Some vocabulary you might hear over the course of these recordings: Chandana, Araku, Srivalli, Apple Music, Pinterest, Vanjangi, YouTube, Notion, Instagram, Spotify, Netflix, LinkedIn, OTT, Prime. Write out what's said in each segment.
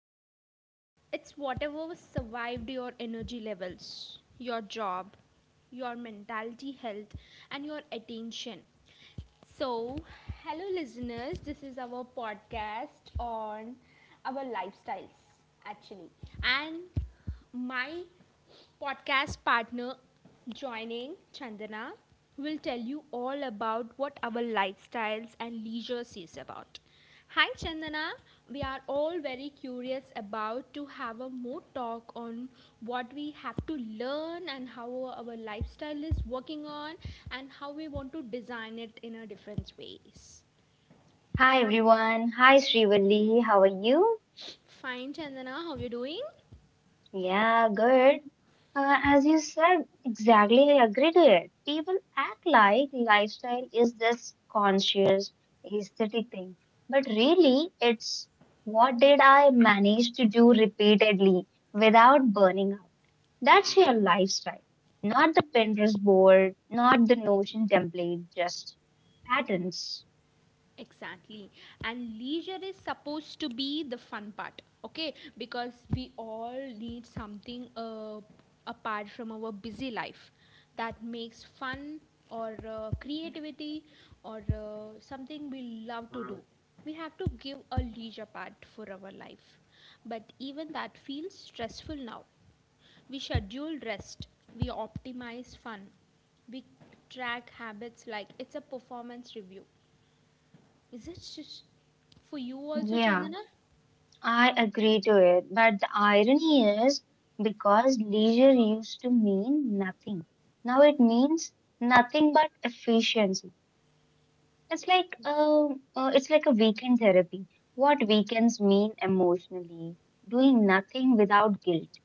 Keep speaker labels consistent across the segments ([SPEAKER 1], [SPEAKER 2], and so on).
[SPEAKER 1] accidental. It's whatever survived your energy levels, your job, your mentality health, and your attention. So, hello listeners, this is our podcast on our lifestyles actually. And my podcast partner joining Chandana will tell you all about what our lifestyles and leisure is about. Hi Chandana, we are all very curious about to have a more talk on what we have to learn and how our lifestyle is working on and how we want to design it in a different ways.
[SPEAKER 2] Hi everyone. Hi Srivalli. How are you?
[SPEAKER 1] Fine Chandana, how you doing?
[SPEAKER 2] Yeah, good. As you said, exactly, I agree to it. People act like lifestyle is this conscious, aesthetic thing, but really, it's what did I manage to do repeatedly without burning out? That's your lifestyle, not the Pinterest board, not the Notion template, just patterns.
[SPEAKER 1] Exactly. And leisure is supposed to be the fun part, okay? Because we all need something apart from our busy life that makes fun or creativity or something we love to do. We have to give a leisure part for our life. But even that feels stressful now. We schedule rest, we optimize fun, we track habits like it's a performance review, is it sh- for you also,
[SPEAKER 2] Yeah.
[SPEAKER 1] Chandana?
[SPEAKER 2] I agree to it, but the irony is because leisure used to mean nothing. Now it means nothing but efficiency. It's like a, it's like a weekend therapy. What weekends mean emotionally, doing nothing without guilt.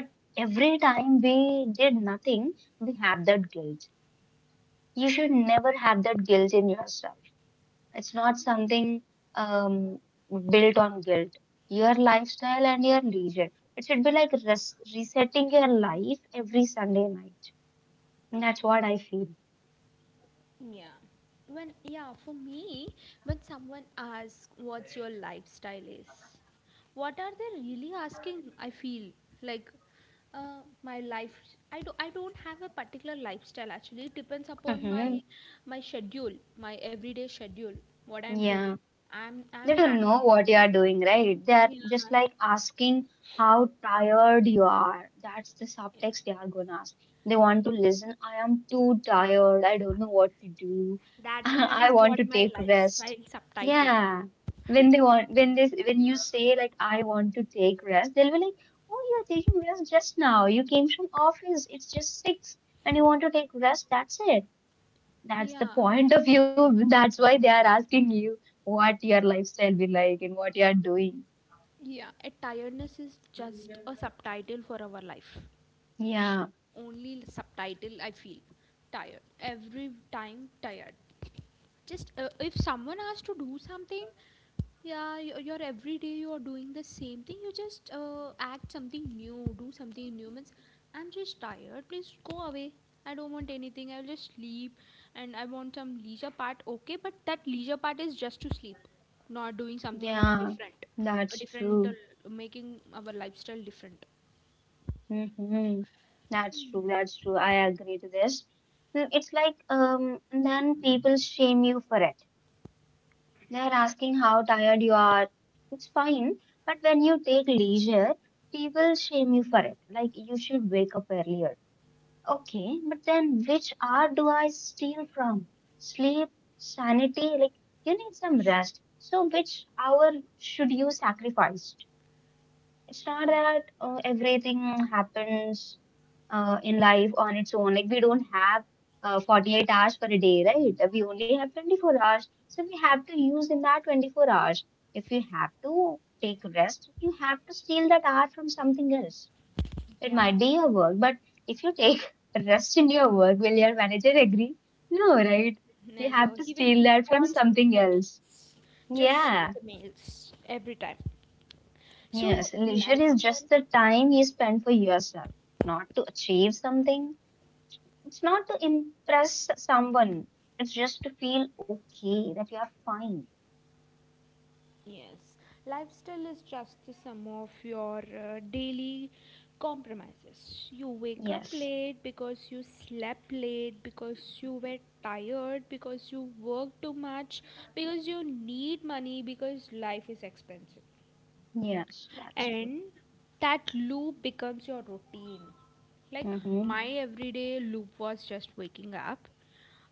[SPEAKER 2] But every time we did nothing, we have that guilt. You should never have that guilt in yourself. It's not something. um built on guilt, your lifestyle and your leisure. It should be like resetting your life every Sunday night. That's what I feel.
[SPEAKER 1] Yeah. For me, when someone asks what's your lifestyle is, what are they really asking? I feel like my life. I do. I don't have a particular lifestyle actually. It depends upon my
[SPEAKER 2] Hmm.
[SPEAKER 1] my schedule, my everyday schedule, what I'm doing.
[SPEAKER 2] Yeah.
[SPEAKER 1] I'm
[SPEAKER 2] They don't
[SPEAKER 1] having.
[SPEAKER 2] know what you are doing, right? They are
[SPEAKER 1] Yeah,
[SPEAKER 2] just like asking how tired you are. That's the subtext they are gonna ask. They want to listen. I am too tired. I don't know what to do.
[SPEAKER 1] that is
[SPEAKER 2] I want
[SPEAKER 1] what
[SPEAKER 2] to
[SPEAKER 1] my
[SPEAKER 2] take rest.
[SPEAKER 1] lifestyle subtitle.
[SPEAKER 2] Yeah. When they want, when they, when you say like I want to take rest, they'll be like, oh, you're taking rest just now. You came from office. It's just six, and you want to take rest. That's
[SPEAKER 1] Yeah.
[SPEAKER 2] the point of view. That's why they are asking you what your lifestyle be like and what you are doing.
[SPEAKER 1] Yeah, a tiredness is just a subtitle for our life.
[SPEAKER 2] Yeah,
[SPEAKER 1] Only subtitle I feel tired. Every time tired. Just if someone has to do something, yeah, you you're every day you're doing the same thing. You just act something new, do something new. Means I'm just tired. Please go away. I don't want anything. I'll just sleep, and I want some leisure part. Okay, but that leisure part is just to sleep, not doing something
[SPEAKER 2] yeah,
[SPEAKER 1] different, a
[SPEAKER 2] that's
[SPEAKER 1] different
[SPEAKER 2] true.
[SPEAKER 1] making our lifestyle different.
[SPEAKER 2] Hmm. That's true. That's true. I agree to this. It's like then people shame you for it. They are asking how tired you are. It's fine, but when you take leisure, people shame you for it. Like you should wake up earlier. Okay, but then which hour do I steal from? Sleep, sanity, like you need some rest. So which hour should you sacrifice? It's not that everything happens in life on its own. Like we don't have 48 hours per day, right? We only have 24 hours. So we have to use in that 24 hours. If you have to take rest, you have to steal that hour from something else. It
[SPEAKER 1] Yeah,
[SPEAKER 2] might be your work, but if you take rest in your work, will your manager agree? No, right? You have
[SPEAKER 1] never.
[SPEAKER 2] to
[SPEAKER 1] He will
[SPEAKER 2] steal
[SPEAKER 1] keep
[SPEAKER 2] that
[SPEAKER 1] on
[SPEAKER 2] from
[SPEAKER 1] sending the
[SPEAKER 2] something else.
[SPEAKER 1] mails, just
[SPEAKER 2] Yeah,
[SPEAKER 1] the mails every time.
[SPEAKER 2] yes,
[SPEAKER 1] So,
[SPEAKER 2] leisure is just
[SPEAKER 1] lifestyle.
[SPEAKER 2] the time you spend for yourself, not to achieve something. It's not to impress someone. It's just to feel okay that you are fine.
[SPEAKER 1] Yes, lifestyle is just the sum of your daily compromises. You wake up
[SPEAKER 2] Yes,
[SPEAKER 1] late because you slept late, because you were tired, because you work too much, because you need money, because life is expensive.
[SPEAKER 2] yes, that's true.
[SPEAKER 1] And that loop becomes your routine. Like
[SPEAKER 2] Hmm.
[SPEAKER 1] my everyday loop was just waking up,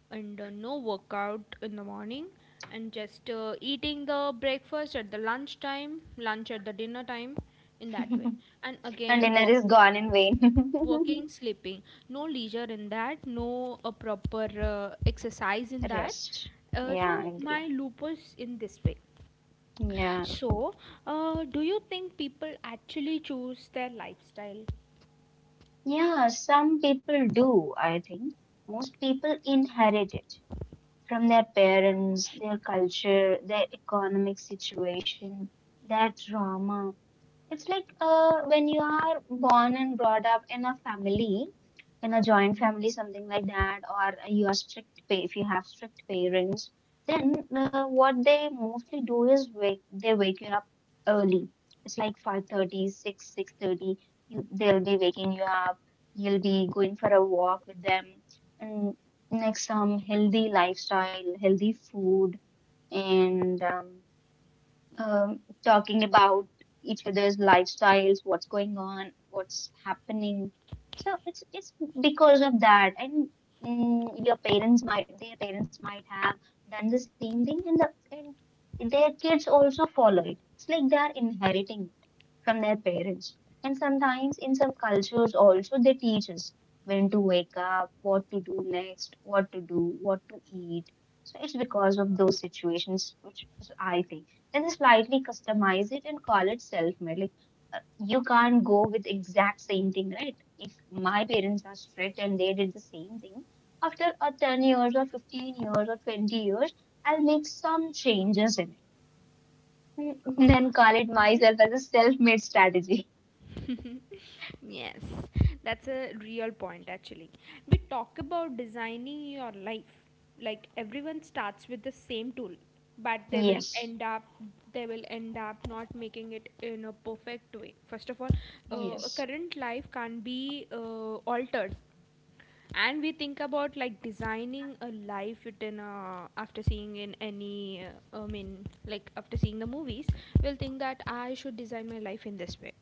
[SPEAKER 1] and no workout in the morning and just eating the breakfast at the lunch time, lunch at the dinner time in that way and
[SPEAKER 2] And
[SPEAKER 1] again
[SPEAKER 2] dinner is
[SPEAKER 1] working
[SPEAKER 2] gone in vain.
[SPEAKER 1] working sleeping, no leisure in that, no a proper exercise in that,
[SPEAKER 2] Rest. Yeah, I
[SPEAKER 1] so
[SPEAKER 2] agree.
[SPEAKER 1] my lupus in this way.
[SPEAKER 2] Yeah.
[SPEAKER 1] So do you think people actually choose their lifestyle?
[SPEAKER 2] Yeah, some people do, I think. Most people inherit it from their parents, their culture, their economic situation, their trauma. It's like when you are born and brought up in a family, in a joint family, something like that, or you are if you have strict parents, then what they mostly do is they wake you up early. It's like 5:30, 6:30, they'll be waking you up, you'll be going for a walk with them, and next healthy lifestyle healthy food and talking about each other's lifestyles, what's going on, what's happening. So it's because of that. And your parents might, their parents might have done the same thing, and their kids also follow it. It's like they are inheriting it from their parents, and sometimes in some cultures also they teach us when to wake up, what to do next, what to do, what to eat. So it's because of those situations. I think. Then they slightly customize it and call it self-made. Like you can't go with exact same thing, right? If my parents are strict and they did the same thing, after 10 years or 15 years or 20 years, I'll make some changes in it. Then call it
[SPEAKER 1] Mhm.
[SPEAKER 2] myself as a self-made strategy.
[SPEAKER 1] yes, that's a real point actually. We talk about designing your life. Like everyone starts with the same tool, but they will
[SPEAKER 2] Yes.
[SPEAKER 1] end up they will end up not making it in a perfect way. First of all, a
[SPEAKER 2] Yes.
[SPEAKER 1] current life can't be altered, and we think about like designing a life within after seeing in any like after seeing the movies we'll think that I should design my life in this way,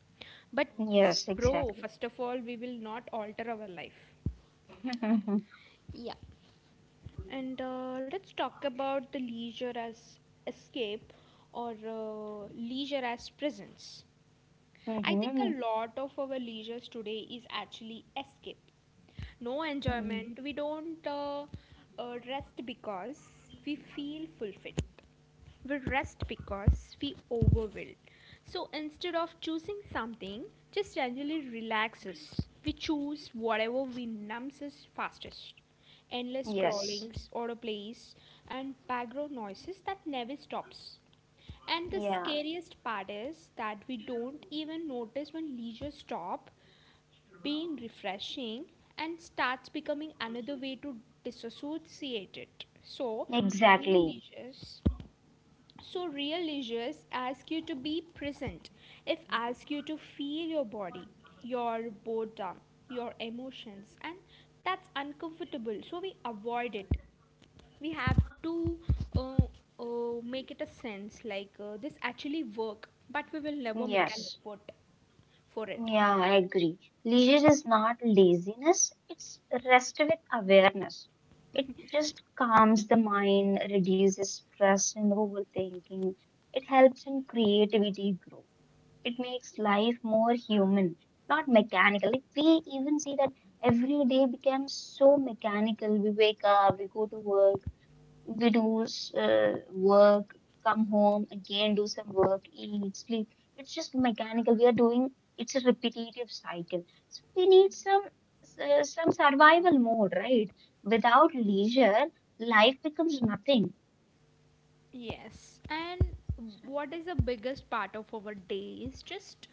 [SPEAKER 1] but
[SPEAKER 2] Yes,
[SPEAKER 1] bro,
[SPEAKER 2] exactly.
[SPEAKER 1] first of all we will not alter our life. Yeah. And let's talk about the leisure as escape or leisure as presence. I think a
[SPEAKER 2] Hmm.
[SPEAKER 1] lot of our leisure today is actually escape. No enjoyment. We don't rest because we feel fulfilled, we rest because we overwill. So instead of choosing something, just generally relax us. We choose whatever we numbs us fastest. Endless
[SPEAKER 2] Yes.
[SPEAKER 1] scrollings, autoplays, and background noises that never stops. And the
[SPEAKER 2] Yeah.
[SPEAKER 1] scariest part is that we don't even notice when leisure stop being refreshing and starts becoming another way to disassociate it. So real
[SPEAKER 2] Exactly.
[SPEAKER 1] leisures real leisures ask you to be present. If ask you to feel your body, your boredom, your emotions, and that's uncomfortable. So we avoid it. We have to uh, make it a sense like this actually work, but we will never make an
[SPEAKER 2] Yes.
[SPEAKER 1] effort for it.
[SPEAKER 2] Yeah, I agree. Leisure is not laziness, it's rest with awareness. It just calms the mind, reduces stress and overthinking. It helps in creativity growth. It makes life more human, not mechanical. Like we even see that every day becomes so mechanical. We wake up, we go to work, we do work, come home, again do some work, eat, sleep. It's just mechanical. We are doing it's a repetitive cycle. So we need some survival mode, right? Without leisure, life becomes nothing.
[SPEAKER 1] Yes, and what is the biggest part of our day is just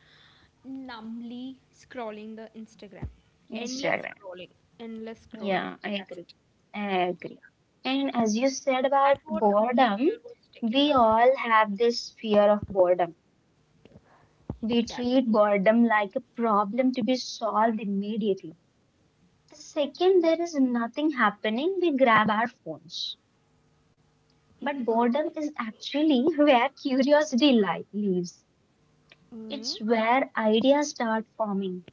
[SPEAKER 1] numbly scrolling the Instagram. Endless
[SPEAKER 2] Instagram.
[SPEAKER 1] scrolling, endless scrolling.
[SPEAKER 2] Yeah, I
[SPEAKER 1] That's
[SPEAKER 2] agree.
[SPEAKER 1] it.
[SPEAKER 2] I agree.
[SPEAKER 1] Yeah.
[SPEAKER 2] And as you said
[SPEAKER 1] That's
[SPEAKER 2] about
[SPEAKER 1] what our
[SPEAKER 2] boredom,
[SPEAKER 1] leisure was taking
[SPEAKER 2] we
[SPEAKER 1] up. Yeah.
[SPEAKER 2] all have this fear of boredom. We treat
[SPEAKER 1] Exactly.
[SPEAKER 2] boredom like a problem to be solved immediately. The second there is nothing happening, we grab our phones. But boredom is actually where curiosity lives. It's where ideas start forming.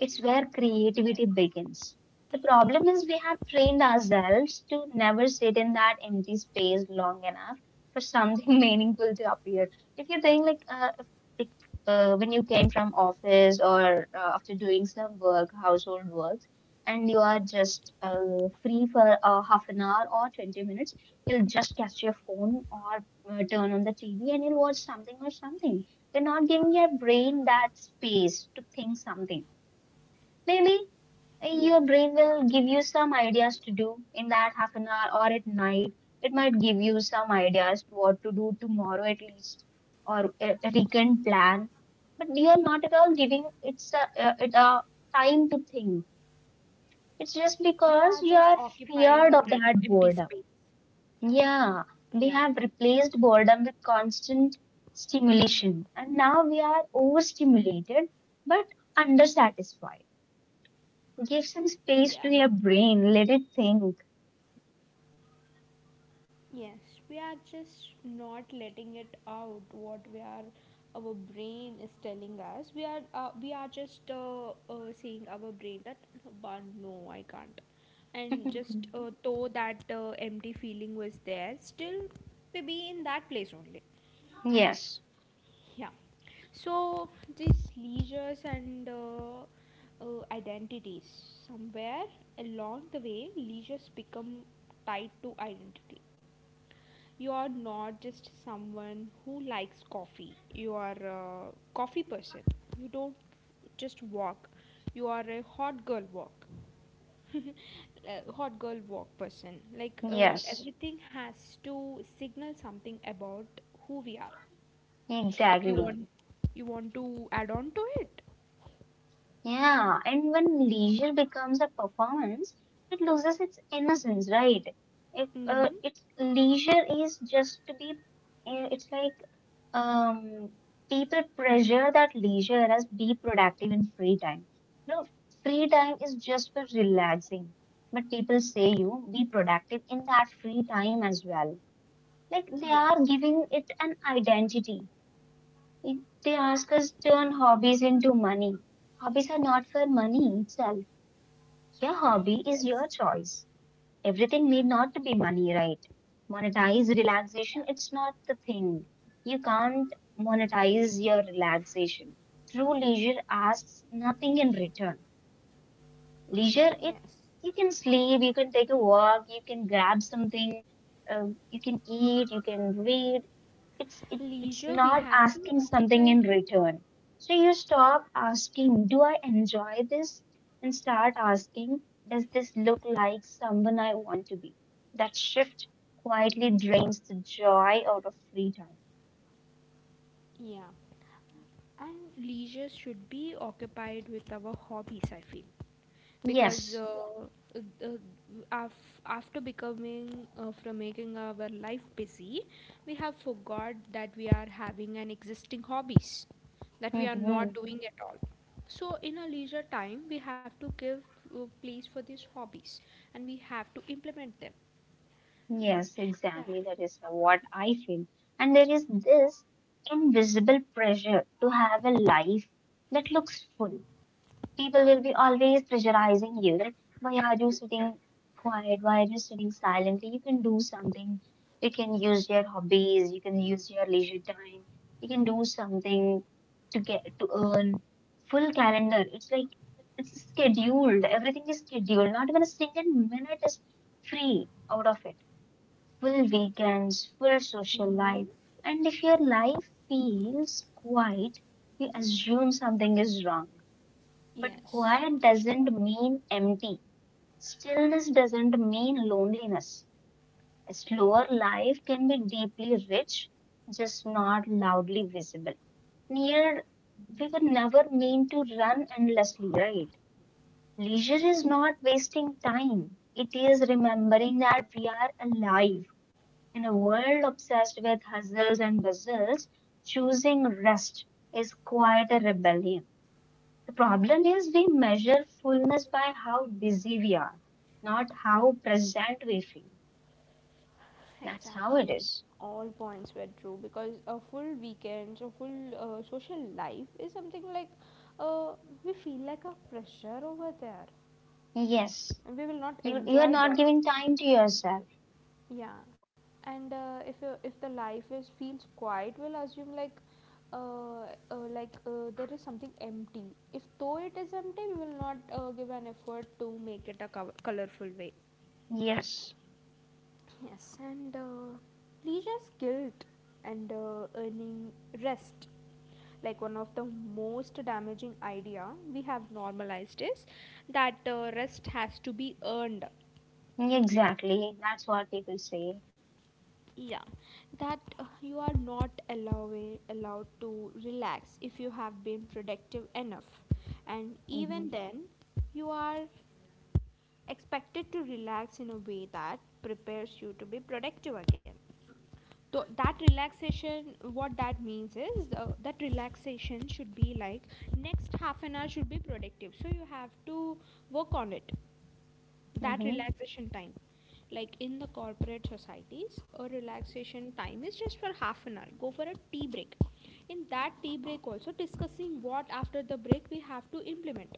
[SPEAKER 2] It's where
[SPEAKER 1] Yes,
[SPEAKER 2] creativity begins. The problem is we have trained ourselves to never sit in that empty space long enough for something meaningful to appear. If you think like, if- like, when you came from office or after doing some work, household works, and you are just free for half an hour or 20 minutes, you'll just catch your phone or turn on the TV and you'll watch something or something. You're not giving your brain that space to think something. Maybe your
[SPEAKER 1] yes.
[SPEAKER 2] brain will give you some ideas to do in that half an hour or at night. It might give you some ideas to what to do tomorrow at least, or a weekend plan. But you are not at all giving it a time to think. It's just
[SPEAKER 1] We are
[SPEAKER 2] because you
[SPEAKER 1] just
[SPEAKER 2] are
[SPEAKER 1] occupying
[SPEAKER 2] feared
[SPEAKER 1] our
[SPEAKER 2] of that
[SPEAKER 1] empty
[SPEAKER 2] boredom.
[SPEAKER 1] space.
[SPEAKER 2] Yeah, we
[SPEAKER 1] Yeah,
[SPEAKER 2] have replaced boredom with constant stimulation, and now we are overstimulated but undersatisfied. Give some space
[SPEAKER 1] yeah.
[SPEAKER 2] to your brain. Let it think.
[SPEAKER 1] Yes, we are just not letting it out what we are our brain is telling us. We are just saying our brain that but no, I can't. And just though that empty feeling was there, still maybe in that place only.
[SPEAKER 2] Yes,
[SPEAKER 1] Yeah. So these leisures and uh, identities, somewhere along the way, leisures become tied to identity. You are not just someone who likes coffee. You are a coffee person. You don't just walk. You are a hot girl walk. Hot girl walk person. Like
[SPEAKER 2] yes,
[SPEAKER 1] everything has to signal something about who we are. You
[SPEAKER 2] exactly.
[SPEAKER 1] want you want to add on to it.
[SPEAKER 2] Yeah, and when leisure becomes a performance, it loses its innocence, right? If
[SPEAKER 1] Hmm.
[SPEAKER 2] it's leisure is just to be, it's like um, people pressure that leisure as be productive in free time. No, free time is just for relaxing, but people say you be productive in that free time as well. Like they
[SPEAKER 1] Yes.
[SPEAKER 2] are giving it an identity. They ask us turn hobbies into money. Hobbies are not for money itself. Your hobby is
[SPEAKER 1] Yes.
[SPEAKER 2] your choice. Everything need not to be money, right? Monetize relaxation, it's not the thing. You can't monetize your relaxation. True leisure asks nothing in return. Leisure, it
[SPEAKER 1] Yes.
[SPEAKER 2] you can sleep, you can take a walk, you can grab something, you can eat, you can read. It's
[SPEAKER 1] Leisure we
[SPEAKER 2] not
[SPEAKER 1] have to
[SPEAKER 2] asking something
[SPEAKER 1] occupy it
[SPEAKER 2] in
[SPEAKER 1] with.
[SPEAKER 2] return, so you stop asking, do I enjoy this, and start asking, does this look like someone I want to be? That shift quietly drains the joy out of free time.
[SPEAKER 1] Yeah. And leisure should be occupied with our hobbies I feel, because
[SPEAKER 2] Yes.
[SPEAKER 1] uh, uh, after becoming from making our life busy, we have forgot that we are having an existing hobbies that we are not
[SPEAKER 2] Hmm.
[SPEAKER 1] doing at all. So in our leisure time we have to give place for these hobbies and we have to implement them.
[SPEAKER 2] Yes,
[SPEAKER 1] Yeah.
[SPEAKER 2] exactly, that is what I feel. And there is this invisible pressure to have a life that looks full. People will be always pressurizing you. Like, why are you sitting quiet? Why are you sitting silently? You can do something. You can use your hobbies. You can use your leisure time. You can do something to get to earn full calendar. It's like it's scheduled. Everything is scheduled. Not even a single minute is free out of it. Full weekends, full social life. And if your life feels quiet, you assume something is wrong. But
[SPEAKER 1] Yes,
[SPEAKER 2] quiet
[SPEAKER 1] for
[SPEAKER 2] doesn't
[SPEAKER 1] sure.
[SPEAKER 2] mean empty. Stillness doesn't mean loneliness. A slower life can be deeply rich, just not loudly visible. Near, we were never meant to run endlessly, right? Leisure is not wasting time. It is remembering that we are alive. In a world obsessed with hustles and bustles, choosing rest is quite a rebellion. The problem is we measure fullness by how busy we are, not how present we feel. That's how it
[SPEAKER 1] Exactly.
[SPEAKER 2] is.
[SPEAKER 1] All points were true because a full weekend, a full social life is something like uh, we feel like a pressure over there,
[SPEAKER 2] Yes.
[SPEAKER 1] and we will not
[SPEAKER 2] You are
[SPEAKER 1] enjoy
[SPEAKER 2] not
[SPEAKER 1] that.
[SPEAKER 2] giving time to yourself.
[SPEAKER 1] Yeah, and if the life is feels quiet, we'll assume like there is something empty. If though it is empty, we will not give an effort to make it a colorful way.
[SPEAKER 2] Yes.
[SPEAKER 1] Yes, and leisure's guilt and earning rest, like one of the most damaging idea we have normalized is that rest has to be earned.
[SPEAKER 2] Exactly. That's what people say.
[SPEAKER 1] Yeah, that you are not allowing allowed to relax if you have been productive enough, and even
[SPEAKER 2] Hmm.
[SPEAKER 1] then, you are expected to relax in a way that prepares you to be productive again. That relaxation what that means is that relaxation should be like next half an hour should be productive so you have to work on it that
[SPEAKER 2] Hmm.
[SPEAKER 1] relaxation time. Like in the corporate societies a relaxation time is just for half an hour, go for a tea break, in that tea break also discussing what after the break we have to implement,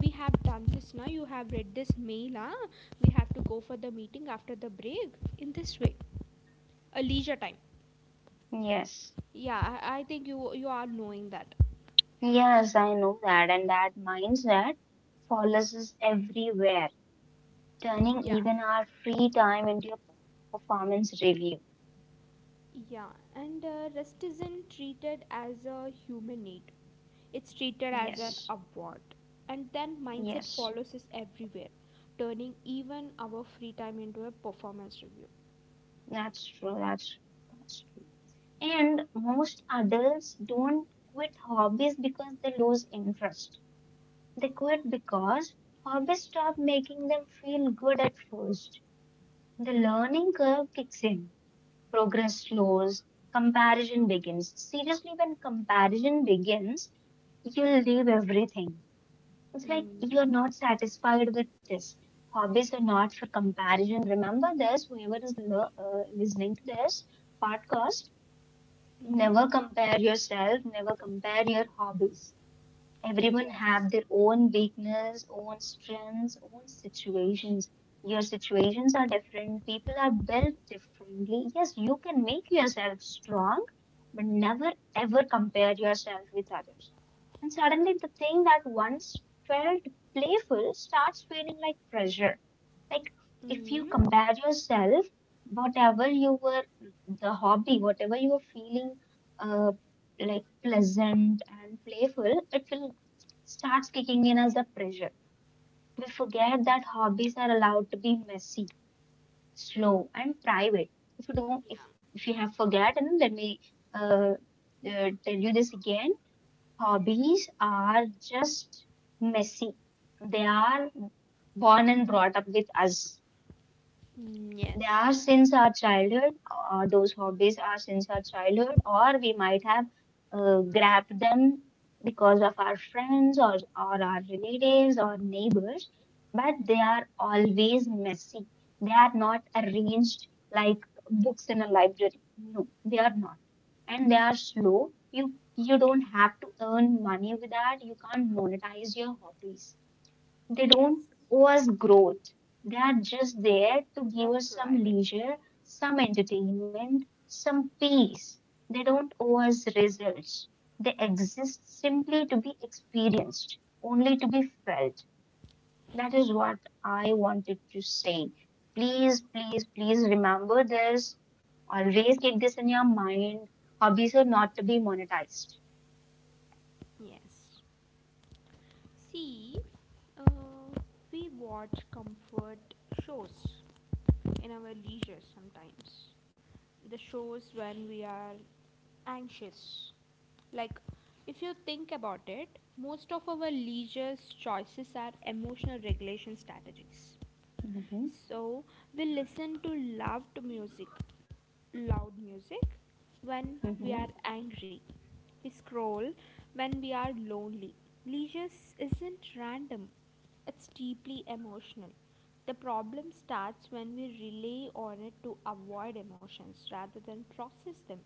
[SPEAKER 1] we have done this, now you have read this mail, huh? We have to go for the meeting after the break, in this way a leisure time.
[SPEAKER 2] Yes.
[SPEAKER 1] Yeah, I think you you are knowing that.
[SPEAKER 2] Yes, I know that. And that mindset follows us everywhere, turning
[SPEAKER 1] Yeah.
[SPEAKER 2] even our free time into a performance review.
[SPEAKER 1] Yeah, and rest isn't treated as a human need. It's treated as an
[SPEAKER 2] Yes.
[SPEAKER 1] award. And then mindset
[SPEAKER 2] Yes.
[SPEAKER 1] follows us everywhere, turning even our free time into a performance review.
[SPEAKER 2] That's true. That's true. And most adults don't quit hobbies because they lose interest. They quit because hobbies stop making them feel good at first. The learning curve kicks in. Progress slows, comparison begins. Seriously, when comparison begins, you'll leave everything. It's like
[SPEAKER 1] Mm.
[SPEAKER 2] you're not satisfied with this. Hobbies are not for comparison. Remember this, whoever is listening to this podcast,
[SPEAKER 1] Mm.
[SPEAKER 2] never compare yourself, never compare your hobbies. Everyone
[SPEAKER 1] Yes.
[SPEAKER 2] have their own weakness, own strengths, own situations. Your situations are different. People are built differently. Yes, you can make yourself strong, but never ever compare yourself with others. And suddenly the thing that once felt playful starts feeling like pressure. Like if you
[SPEAKER 1] Mm.
[SPEAKER 2] compare yourself, whatever you were, the hobby, whatever you were feeling, uh, like pleasant and playful, it will starts kicking in as the pressure. We forget that hobbies are allowed to be messy, slow, and private. If you don't,
[SPEAKER 1] Yeah.
[SPEAKER 2] if, if you have forgotten, let me uh, tell you this again. Hobbies are just messy. They are born and brought up with us.
[SPEAKER 1] Mm.
[SPEAKER 2] They are
[SPEAKER 1] Yes.
[SPEAKER 2] since our childhood, or those hobbies are since our childhood, or we might have grabbed them because of our friends or our relatives or neighbors, but they are always messy. They are not arranged like books in a library. No, they are not. And they are slow. You don't have to earn money with that. You can't monetize your hobbies they don't
[SPEAKER 1] Yes.
[SPEAKER 2] owe us growth. They are just there to
[SPEAKER 1] And
[SPEAKER 2] give
[SPEAKER 1] the
[SPEAKER 2] us some
[SPEAKER 1] private.
[SPEAKER 2] leisure, some entertainment, some peace. They don't owe us results. They exist simply to be experienced, only to be felt. That is what I wanted to say. Please, please, please remember this. Always keep this in your mind. Hobbies are not to be monetized.
[SPEAKER 1] Yes. See, uh, we watch comfort shows in our leisure sometimes. The shows when we are anxious. Like, if you think about it, most of our leisure choices are emotional regulation strategies.
[SPEAKER 2] Mm-hmm.
[SPEAKER 1] So we listen to loud music, loud music when we are
[SPEAKER 2] Mm-hmm.
[SPEAKER 1] angry. We scroll when we are lonely. Leisure isn't random, it's deeply emotional. The problem starts when we rely on it to avoid emotions rather than process them.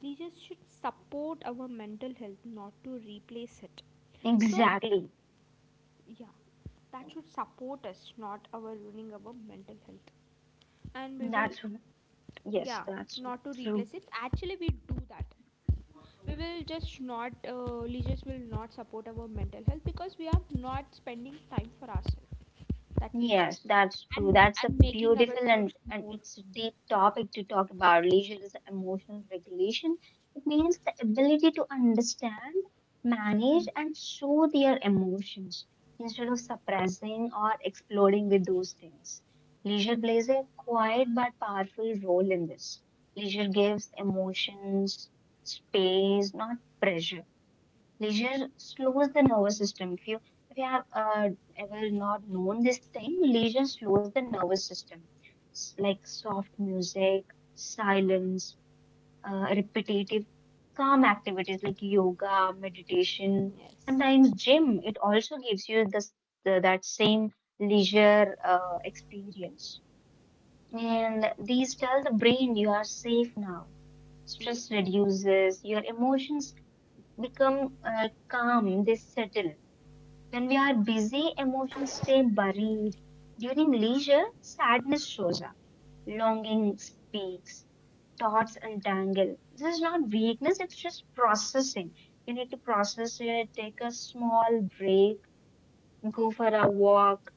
[SPEAKER 1] Leisure should support our mental health, not to replace it. So,
[SPEAKER 2] Exactly.
[SPEAKER 1] yeah, that should support us, not our ruining our mental health and we will,
[SPEAKER 2] That's yes,
[SPEAKER 1] yeah,
[SPEAKER 2] that's
[SPEAKER 1] not to
[SPEAKER 2] true.
[SPEAKER 1] replace it actually we do that. We will just not, leisures will not support our mental health because we are not spending time for ourselves, that
[SPEAKER 2] Yes,
[SPEAKER 1] leisures
[SPEAKER 2] that's true. That's a
[SPEAKER 1] and making
[SPEAKER 2] beautiful and,
[SPEAKER 1] ourselves
[SPEAKER 2] and
[SPEAKER 1] more.
[SPEAKER 2] it's a deep topic to talk about. Leisure is emotional regulation. It means the ability to understand, manage, and show their emotions instead of suppressing or exploding with those things. Leisure plays a quiet but powerful role in this. Leisure gives emotions space, not pressure. Leisure slows the nervous system. If you have ever not known this thing, leisure slows the nervous system. Like soft music, silence, repetitive, calm activities like yoga, meditation,
[SPEAKER 1] Yes.
[SPEAKER 2] sometimes gym. It also gives you this that same leisure experience. And these tell the brain you are safe now
[SPEAKER 1] Yeah,
[SPEAKER 2] stress reduces, your emotions become
[SPEAKER 1] yeah.
[SPEAKER 2] calm, they settle. When we are busy, emotions stay buried. During leisure, sadness shows up, longing speaks, thoughts untangle. This is not weakness, it's just processing. You need to process it, take a small break, go for a walk,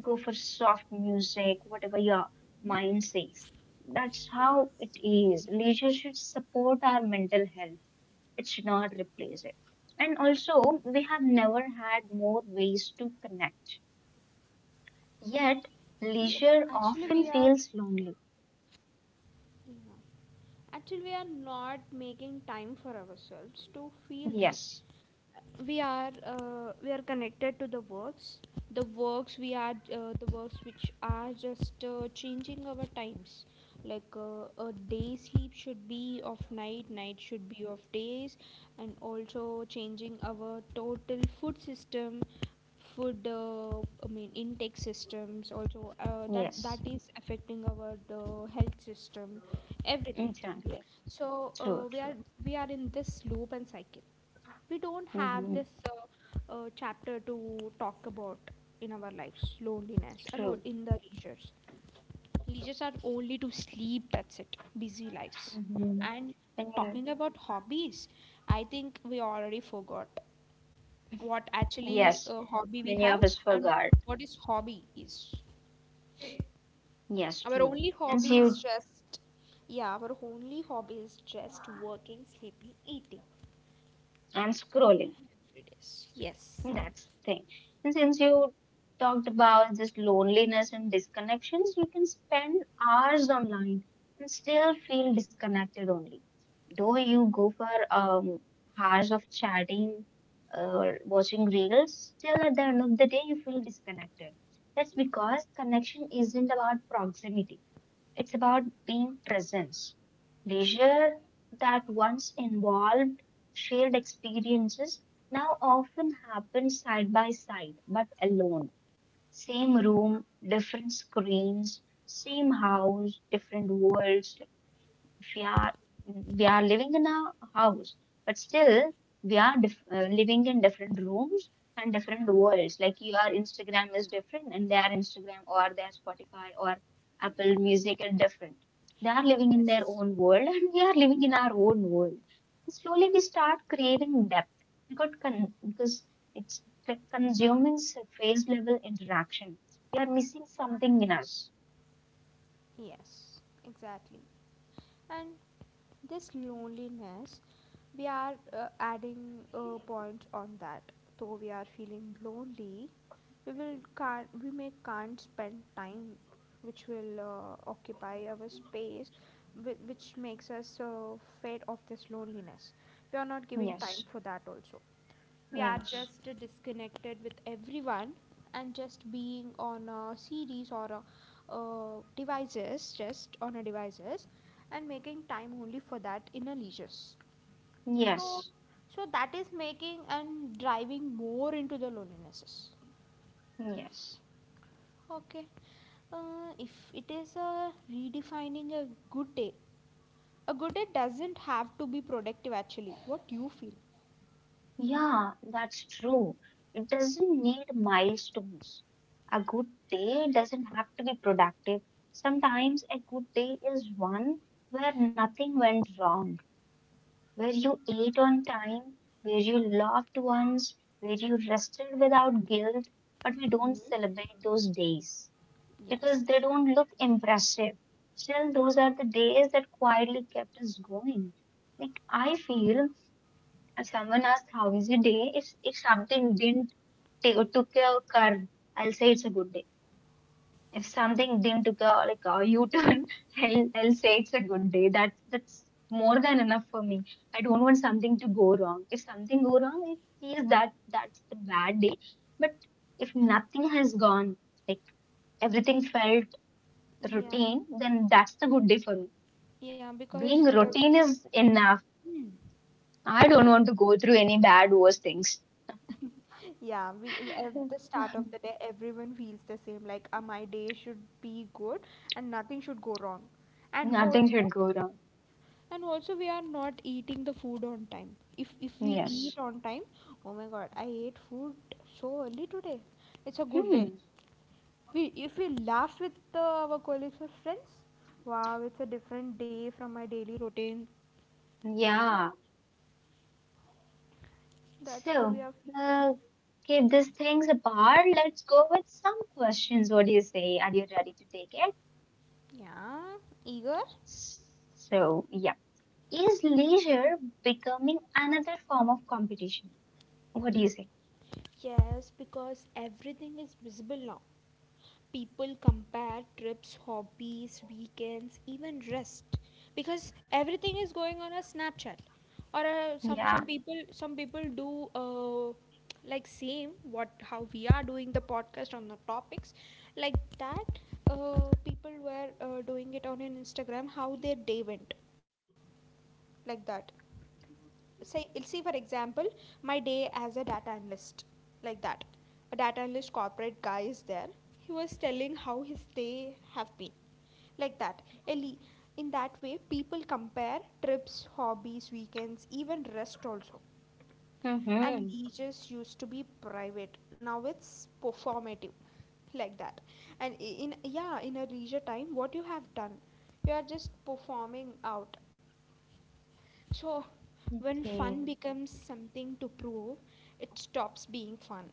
[SPEAKER 2] go for soft music, whatever your mind says. That's how it is. Leisure should support our mental health it should not replace it. And also, we have never had more ways to connect. Yet, leisure
[SPEAKER 1] Actually
[SPEAKER 2] often
[SPEAKER 1] we are,
[SPEAKER 2] feels lonely.
[SPEAKER 1] yeah, actually we are not making time for ourselves to feel this.
[SPEAKER 2] Yes,
[SPEAKER 1] We are we are connected to the works, the works we are the works which are just changing our times, like a day sleep should be of night, night should be of days, and also changing our total food system, food intake systems also,
[SPEAKER 2] yes,
[SPEAKER 1] that is affecting our health system, everything.
[SPEAKER 2] exactly.
[SPEAKER 1] So
[SPEAKER 2] True, true.
[SPEAKER 1] we are in this loop and cycle. We don't have
[SPEAKER 2] Hmm.
[SPEAKER 1] this chapter to talk about in our lives, loneliness and all
[SPEAKER 2] True.
[SPEAKER 1] in the leisures. Leisures are only to sleep, that's it, busy lives.
[SPEAKER 2] Hmm.
[SPEAKER 1] And
[SPEAKER 2] When you,
[SPEAKER 1] talking about hobbies, I think we already forgot what actually
[SPEAKER 2] yes,
[SPEAKER 1] hobby we
[SPEAKER 2] many
[SPEAKER 1] have
[SPEAKER 2] of us
[SPEAKER 1] and
[SPEAKER 2] forgot.
[SPEAKER 1] what is hobby is.
[SPEAKER 2] Yes,
[SPEAKER 1] Our
[SPEAKER 2] true.
[SPEAKER 1] only
[SPEAKER 2] Since
[SPEAKER 1] hobby
[SPEAKER 2] you,
[SPEAKER 1] is just, yeah, our only hobby is just working, sleeping, eating.
[SPEAKER 2] I'm scrolling.
[SPEAKER 1] It is yes,
[SPEAKER 2] That's the thing. And since you talked about this loneliness and disconnections, you can spend hours online and still feel disconnected only. Though you go for hours of chatting or watching reels, still at the end of the day, you feel disconnected. That's because connection isn't about proximity. It's about being presence. Leisure that once involved shared experiences now often happens side by side, but alone. Same room, different screens, same house, different worlds, we are we are living in a house, but still we are living in different rooms and different worlds. Like your Instagram is different, and their Instagram or their Spotify or Apple Music are different. They are living in their
[SPEAKER 1] yes.
[SPEAKER 2] own world, and we are living in our own world. And slowly we start craving depth because it's like consuming surface level interaction. We are missing something in us.
[SPEAKER 1] Yes, exactly. And this loneliness, we are adding points on that. Though we are feeling lonely, we will can't we may can't spend time, which will occupy our space, which makes us fade off this loneliness. We are not giving time
[SPEAKER 2] Yes.
[SPEAKER 1] for that also, we are
[SPEAKER 2] Yes.
[SPEAKER 1] just disconnected with everyone and just being on a series or a, devices, just on a devices, and making time only for that in a leisures,
[SPEAKER 2] Yes.
[SPEAKER 1] so so that is making and driving more into the lonelinesses.
[SPEAKER 2] Yes.
[SPEAKER 1] Okay. If it is a redefining a good day, a good day doesn't have to be productive, actually what you feel.
[SPEAKER 2] Yeah, that's true. It doesn't need milestones. A good day doesn't have to be productive. Sometimes a good day is one where nothing went wrong, where you ate on time, where you laughed once, where you rested without guilt. But we don't
[SPEAKER 1] Mhm.
[SPEAKER 2] celebrate those days because
[SPEAKER 1] Yes.
[SPEAKER 2] they don't look impressive. Still, those are the days that quietly kept us going. Like, I feel if someone asks how is your day, if something didn't take took a curve, I'll say it's a good day. If something didn't took a like a U turn, I'll say it's a good day. That's more than enough for me. I don't want something to go wrong. If something go wrong, it is that's the bad day. But if nothing has gone, like everything felt
[SPEAKER 1] yeah
[SPEAKER 2] routine, then that's the good day for me.
[SPEAKER 1] yeah because
[SPEAKER 2] Being routine is enough. I
[SPEAKER 1] yeah.
[SPEAKER 2] don't want to go through any bad worse things.
[SPEAKER 1] Yeah, we at the start of the day, everyone feels the same. Like, my day should be good and nothing should go wrong. And
[SPEAKER 2] Nothing should
[SPEAKER 1] also,
[SPEAKER 2] go wrong.
[SPEAKER 1] and also, we are not eating the food on time. If we eat
[SPEAKER 2] Yes.
[SPEAKER 1] on time, oh my God, I ate food so early today. It's a good day.
[SPEAKER 2] Hmm.
[SPEAKER 1] We if we laugh with our colleagues or friends, wow, it's a different day from my daily routine.
[SPEAKER 2] Yeah.
[SPEAKER 1] That's how we
[SPEAKER 2] So,
[SPEAKER 1] are feeling.
[SPEAKER 2] uh, keep these things apart. Let's go with some questions. What do you say? Are you ready to take it?
[SPEAKER 1] Yeah, eager.
[SPEAKER 2] So, yeah. Is leisure becoming another form of competition? What do you say?
[SPEAKER 1] Yes, because everything is visible now. People compare trips, hobbies, weekends, even rest. Because everything is going on a Snapchat. Or some
[SPEAKER 2] Yeah.
[SPEAKER 1] some people some people do like same what how we are doing the podcast on the topics, like that, people were doing it on an Instagram how their day went, like that, say see for example my day as a data analyst, like that, a data analyst corporate guy is there, he was telling how his day have been, like that, Eli, in that way people compare trips, hobbies, weekends, even rest also, and
[SPEAKER 2] Mm-hmm.
[SPEAKER 1] leisures used to be private, now it's performative, like that. And in yeah, in a leisure time what you have done, you are just performing out. So, when
[SPEAKER 2] Okay.
[SPEAKER 1] fun becomes something to prove, it stops being fun.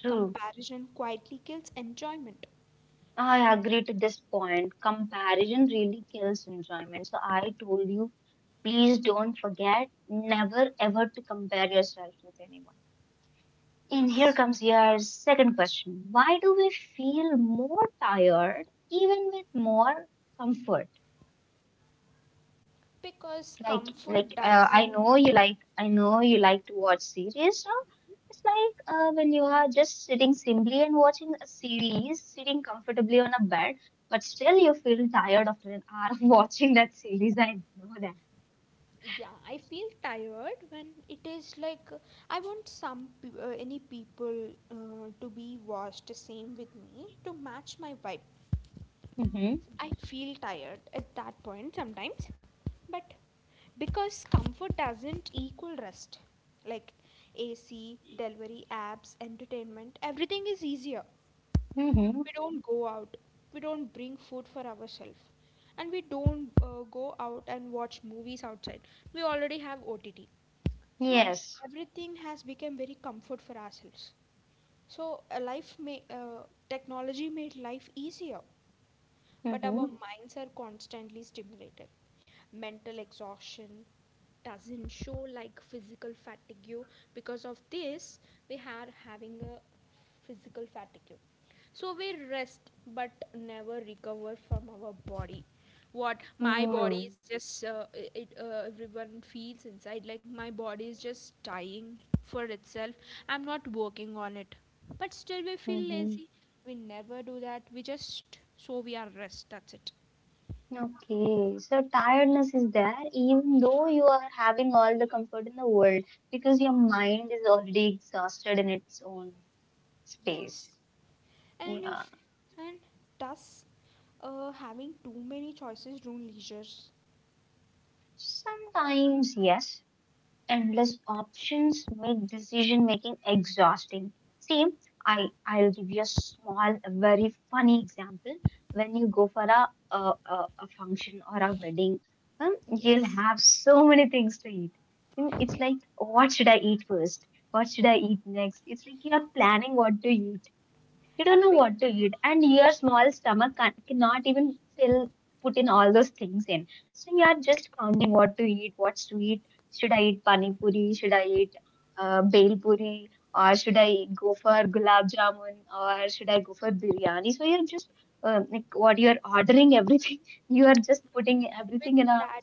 [SPEAKER 2] True.
[SPEAKER 1] Comparison quietly kills enjoyment.
[SPEAKER 2] I agree to this point. Comparison really kills enjoyment. So I told you, please don't forget never ever to compare yourself with anyone. And here
[SPEAKER 1] Yes.
[SPEAKER 2] comes your second question. Why do we feel more tired even with more comfort?
[SPEAKER 1] Because comfort
[SPEAKER 2] I
[SPEAKER 1] doesn't.
[SPEAKER 2] know you like, I know you like to watch series now. It's like when you are just sitting simply and watching a series, sitting comfortably on a bed, but still you feel tired after an hour of watching that series. I know that.
[SPEAKER 1] Yeah, I feel tired when it is like I want some any people to be washed the same with me to match my vibe.
[SPEAKER 2] Mm-hmm.
[SPEAKER 1] I feel tired at that point sometimes, but because comfort doesn't equal rest, like AC, delivery apps, entertainment, everything is easier.
[SPEAKER 2] Mm-hmm.
[SPEAKER 1] We don't go out, we don't bring food for ourselves, and we don't go out and watch movies outside. We already have OTT, so
[SPEAKER 2] Yes.
[SPEAKER 1] everything has become very comfort for ourselves. So, a life may technology made life easier, but our
[SPEAKER 2] Mm-hmm.
[SPEAKER 1] minds are constantly stimulated. Mental exhaustion doesn't show like physical fatigue. Because of this, we are having a physical fatigue, so we rest but never recover from our body. What my body
[SPEAKER 2] Mm-hmm.
[SPEAKER 1] is just it everyone feels inside, like my body is just dying for itself, I'm not working on it, but still we feel
[SPEAKER 2] Mm-hmm.
[SPEAKER 1] lazy. We never do that, we just, so we are rest, that's it.
[SPEAKER 2] Okay, so tiredness is there even though you are having all the comfort in the world because your mind is already exhausted in its own space.
[SPEAKER 1] Yes. And
[SPEAKER 2] Yeah.
[SPEAKER 1] and thus, having too many choices ruin leisure?
[SPEAKER 2] Sometimes, yes, endless options make decision making exhausting. See, I'll give you a small, a very funny example. When you go for a function or a wedding, you'll
[SPEAKER 1] Yes.
[SPEAKER 2] have so many things to eat. Mm, it's like, what should I eat first? What should I eat next? It's like you're planning what to eat. You don't
[SPEAKER 1] A
[SPEAKER 2] know
[SPEAKER 1] big
[SPEAKER 2] what to eat, and
[SPEAKER 1] decision
[SPEAKER 2] your
[SPEAKER 1] made.
[SPEAKER 2] small stomach cannot even fill put in all those things in. So you are just counting what to eat, what sweet should I eat? Pani puri? Should I eat bhel puri? Or should I go for gulab jamun? Or should I go for biryani? So you're just like what you're ordering everything. You are just putting
[SPEAKER 1] With
[SPEAKER 2] everything in a
[SPEAKER 1] that,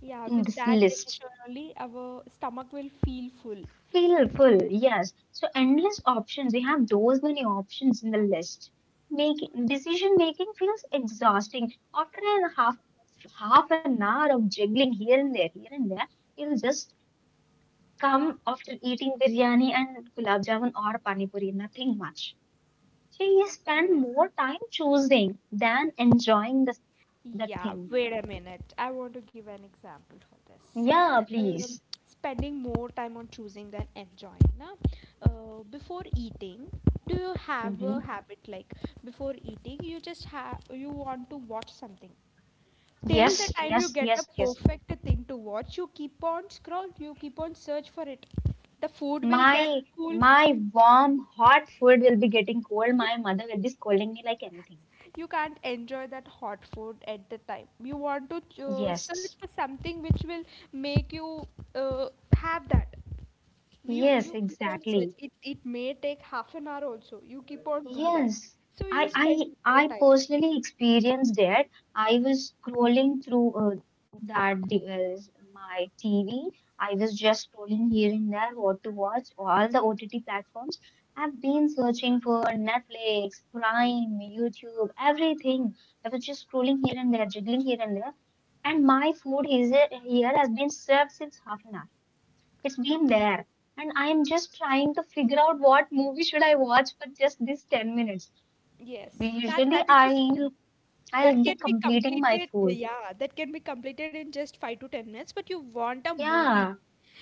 [SPEAKER 1] yeah,
[SPEAKER 2] in
[SPEAKER 1] with
[SPEAKER 2] this
[SPEAKER 1] that
[SPEAKER 2] list.
[SPEAKER 1] decision only our stomach will feel full.
[SPEAKER 2] Feel full, yes. So endless options. We have those many options in the list. Making decision making feels exhausting. After an half an hour of juggling here and there, you'll just come after eating biryani and gulab jamun or pani puri, nothing much. So you spend
[SPEAKER 1] Yes.
[SPEAKER 2] more time choosing than enjoying the
[SPEAKER 1] Yeah,
[SPEAKER 2] thing.
[SPEAKER 1] wait a minute. I want to give an example for this.
[SPEAKER 2] Yeah,
[SPEAKER 1] Um,
[SPEAKER 2] please.
[SPEAKER 1] spending more time on choosing than enjoying. Na? Before eating, do you have a
[SPEAKER 2] Hmm.
[SPEAKER 1] habit like, before eating, you just have you want to watch something? Till the
[SPEAKER 2] Yes,
[SPEAKER 1] time you
[SPEAKER 2] yes,
[SPEAKER 1] get a
[SPEAKER 2] yes, yes.
[SPEAKER 1] perfect thing to watch, you keep on scroll, you keep on search for it. The food will get
[SPEAKER 2] My
[SPEAKER 1] cool,
[SPEAKER 2] my warm hot food will be getting cold. My mother will be scolding me like anything.
[SPEAKER 1] you can't enjoy that hot food at the time you want to search
[SPEAKER 2] Yes.
[SPEAKER 1] for something which will make you uh, have that, you
[SPEAKER 2] Yes,
[SPEAKER 1] you keep on search
[SPEAKER 2] exactly.
[SPEAKER 1] it, it may take half an hour also, you keep on do that.
[SPEAKER 2] Yes.
[SPEAKER 1] So
[SPEAKER 2] I
[SPEAKER 1] you spend
[SPEAKER 2] I I
[SPEAKER 1] more time,
[SPEAKER 2] personally experienced that. I was scrolling through that device, my TV. I was just scrolling here and there what to watch, all the OTT platforms. I've been searching for Netflix, Prime, YouTube, everything. I was just scrolling here and there, jiggling here and there. And my food is here has been served since half an hour. It's been there. And I am just trying to figure out what movie should I watch for just these 10 minutes.
[SPEAKER 1] yes, that
[SPEAKER 2] Usually
[SPEAKER 1] that is a s,
[SPEAKER 2] I'll
[SPEAKER 1] that
[SPEAKER 2] be
[SPEAKER 1] can be
[SPEAKER 2] completing my
[SPEAKER 1] completed,
[SPEAKER 2] food.
[SPEAKER 1] yeah, that can be completed in just 5 to 10 minutes, but you want a movie,
[SPEAKER 2] Yeah,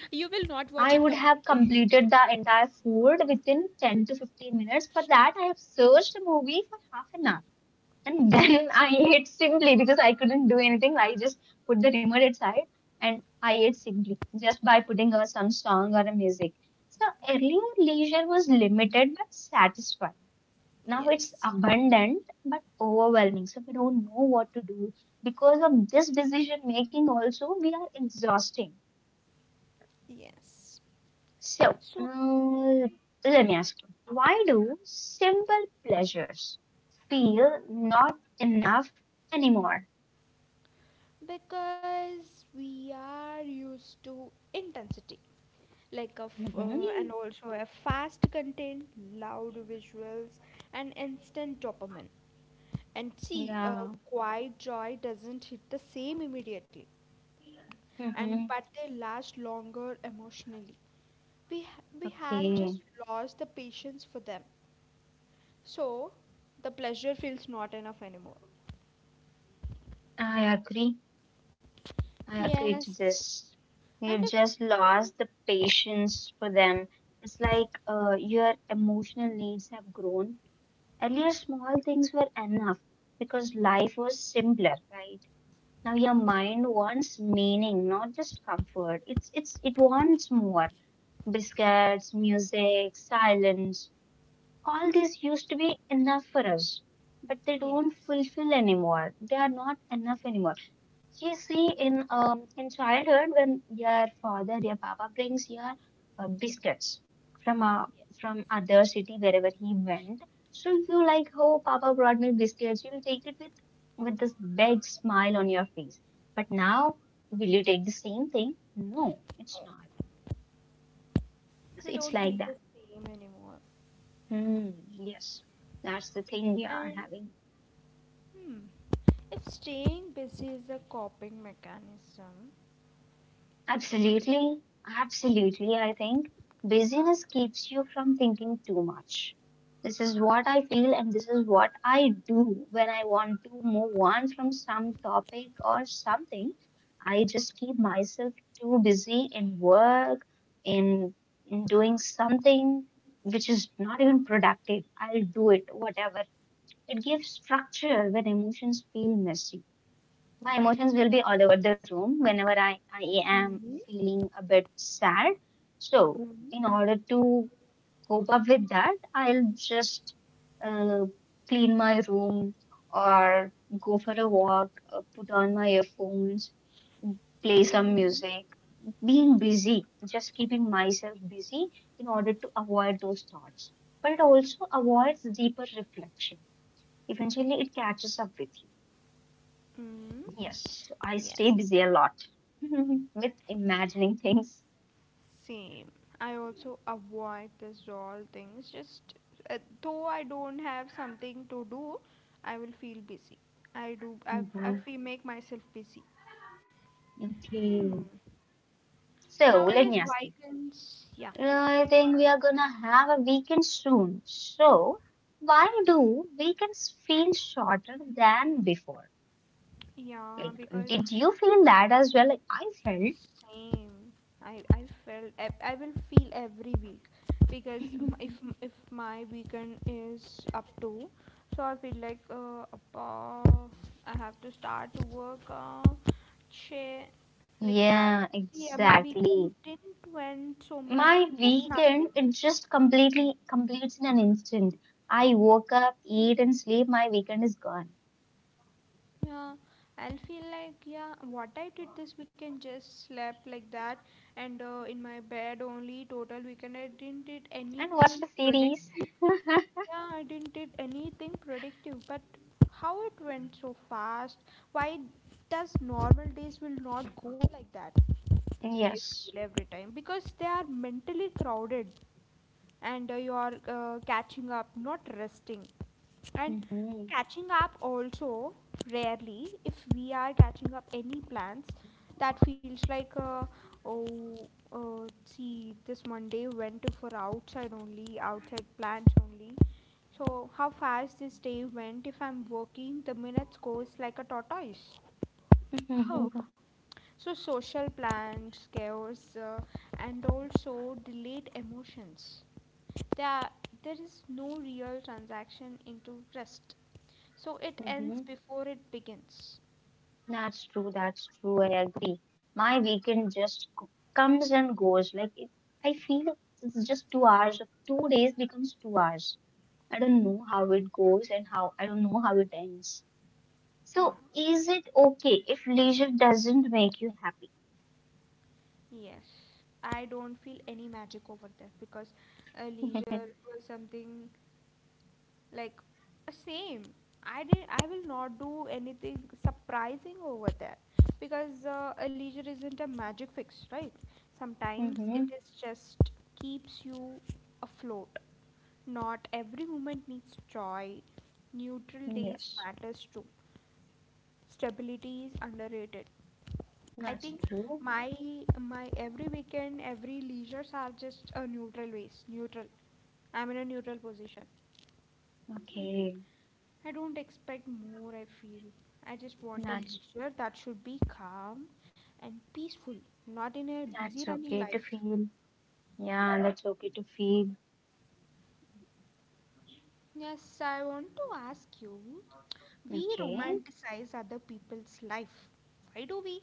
[SPEAKER 1] you will not watch
[SPEAKER 2] I
[SPEAKER 1] it
[SPEAKER 2] would have
[SPEAKER 1] completely.
[SPEAKER 2] completed the entire food within 10 to 15 minutes. For that I have searched a movie for half an hour. And
[SPEAKER 1] Yes.
[SPEAKER 2] then I ate simply because I couldn't do anything. I just put the remote aside and I ate simply just by putting on some song or a music. So earlier leisure was limited but satisfying. Now it's
[SPEAKER 1] Yes.
[SPEAKER 2] abundant but overwhelming. So we don't know what to do. Because of this decision making also, we are exhausting.
[SPEAKER 1] Yes.
[SPEAKER 2] So
[SPEAKER 1] So,
[SPEAKER 2] let me ask you, why do simple pleasures feel not enough anymore?
[SPEAKER 1] because we are used to intensity, like of and
[SPEAKER 2] Mhm.
[SPEAKER 1] also a fast content, loud visuals, and instant dopamine. And see,
[SPEAKER 2] Yeah.
[SPEAKER 1] quiet joy doesn't hit the same immediately, and
[SPEAKER 2] Mhm.
[SPEAKER 1] but they last longer emotionally. We have
[SPEAKER 2] Okay.
[SPEAKER 1] just lost the patience for them, so the pleasure feels not enough anymore.
[SPEAKER 2] I agree. I agree to
[SPEAKER 1] Yes.
[SPEAKER 2] this. We've
[SPEAKER 1] And if,
[SPEAKER 2] just lost the patience for them. It's like your emotional needs have grown. Earlier, small things were enough because life was simpler, right? Now your
[SPEAKER 1] mm,
[SPEAKER 2] mind wants meaning, not just comfort. It's it wants more. Biscuits, music, silence. All these used to be enough for us, but they don't
[SPEAKER 1] yes.
[SPEAKER 2] fulfill anymore. They are not enough anymore. You see, in childhood, when your father, your papa brings your biscuits from a from other city wherever he went, so you like, oh, papa brought me biscuits. You'll take it with this big smile on your face. But now, will you take the same thing? No, it's not. So
[SPEAKER 1] We
[SPEAKER 2] it's
[SPEAKER 1] don't
[SPEAKER 2] like
[SPEAKER 1] feel
[SPEAKER 2] that.
[SPEAKER 1] the same anymore.
[SPEAKER 2] Hmm, yes, that's the thing we are
[SPEAKER 1] And
[SPEAKER 2] having.
[SPEAKER 1] hmm, if staying busy is a coping mechanism,
[SPEAKER 2] Absolutely, absolutely. I think busyness keeps you from thinking too much. This is what I feel, and this is what I do when I want to move on from some topic or something. I just keep myself too busy in work, in, in doing something which is not even productive. I'll do it, whatever. It gives structure when emotions feel messy. My emotions will be all over the room whenever I am
[SPEAKER 1] mm-hmm,
[SPEAKER 2] feeling a bit sad. So,
[SPEAKER 1] mm,
[SPEAKER 2] in order to cope up with that, I'll just uh, clean my room or go for a walk, put on my earphones, play some
[SPEAKER 1] mm,
[SPEAKER 2] music. Being busy, just keeping myself busy in order to avoid those thoughts. But it also avoids deeper reflection. Eventually, it catches up with you.
[SPEAKER 1] mm,
[SPEAKER 2] Yes, I stay
[SPEAKER 1] yes,
[SPEAKER 2] busy a lot with imagining things.
[SPEAKER 1] same. I also avoid this all things. Just though I don't have something to do, I will feel busy. I do. I
[SPEAKER 2] Mhm.
[SPEAKER 1] feel make myself busy.
[SPEAKER 2] Okay.
[SPEAKER 1] Hmm.
[SPEAKER 2] So let me
[SPEAKER 1] Nowadays,
[SPEAKER 2] ask you.
[SPEAKER 1] vegans, yeah,
[SPEAKER 2] I think we are gonna have a weekend soon. So why do weekends feel shorter than before?
[SPEAKER 1] yeah,
[SPEAKER 2] Like,
[SPEAKER 1] because
[SPEAKER 2] did you feel that as well? Like I felt.
[SPEAKER 1] same. I felt I will feel every week because m-, if my weekend is up to, so I feel like appa, I have to start to work share, like that.
[SPEAKER 2] Yeah,
[SPEAKER 1] Yeah, my weekend
[SPEAKER 2] exactly.
[SPEAKER 1] didn't went so much.
[SPEAKER 2] My
[SPEAKER 1] There's nothing.
[SPEAKER 2] weekend, it just completely completes in an instant. I woke up, eat, and sleep. My weekend is gone.
[SPEAKER 1] Yeah, I'll feel like yeah, what I did this weekend, just slept like that, and in my bed only. Total weekend I didn't did
[SPEAKER 2] And watch
[SPEAKER 1] anything
[SPEAKER 2] the
[SPEAKER 1] productive.
[SPEAKER 2] series?
[SPEAKER 1] Yeah, I didn't did anything productive, but how it went so fast? Why does normal days will not go like that? I
[SPEAKER 2] Yes.
[SPEAKER 1] feel every time because they are mentally crowded and you are catching up, not resting. And
[SPEAKER 2] hmm
[SPEAKER 1] catching up also rarely, if we are catching up any plans, that feels like oh, see, this Monday went for outside only, outside plans only. So how fast this day went? If I'm working, the minutes goes like a tortoise. Oh.
[SPEAKER 2] hmm
[SPEAKER 1] So social plans, chaos, and also delayed emotions there, there is no real transaction into rest, so it ends before it begins.
[SPEAKER 2] That's true. That's true. I agree. My weekend just comes and goes. Like it, I feel like it's just 2 hours. Two days becomes 2 hours. I don't know how it goes and how I don't know how it ends. So
[SPEAKER 1] Yeah.
[SPEAKER 2] is it okay if leisure doesn't make you happy?
[SPEAKER 1] Yes, I don't feel any magic over there because leisure was something like same, I did, I will not do anything surprising over there because a leisure isn't a magic fix, right? Sometimes
[SPEAKER 2] hmm
[SPEAKER 1] it is just keeps you afloat, not every moment needs joy, neutral days
[SPEAKER 2] Yes,
[SPEAKER 1] matters too, stability is underrated. I
[SPEAKER 2] that's
[SPEAKER 1] think
[SPEAKER 2] true.
[SPEAKER 1] my my every weekend, every leisures are just a neutral ways, neutral. I'm in a neutral position. Hmm.
[SPEAKER 2] Okay,
[SPEAKER 1] I don't expect more, I feel. I just want a
[SPEAKER 2] that's
[SPEAKER 1] leisure that should be calm and peaceful, not in a busy
[SPEAKER 2] that's
[SPEAKER 1] running
[SPEAKER 2] okay to
[SPEAKER 1] life.
[SPEAKER 2] feel. Yeah, that's okay to feel.
[SPEAKER 1] Yes, I want to ask you, we
[SPEAKER 2] Okay.
[SPEAKER 1] romanticize other people's life. Why do we?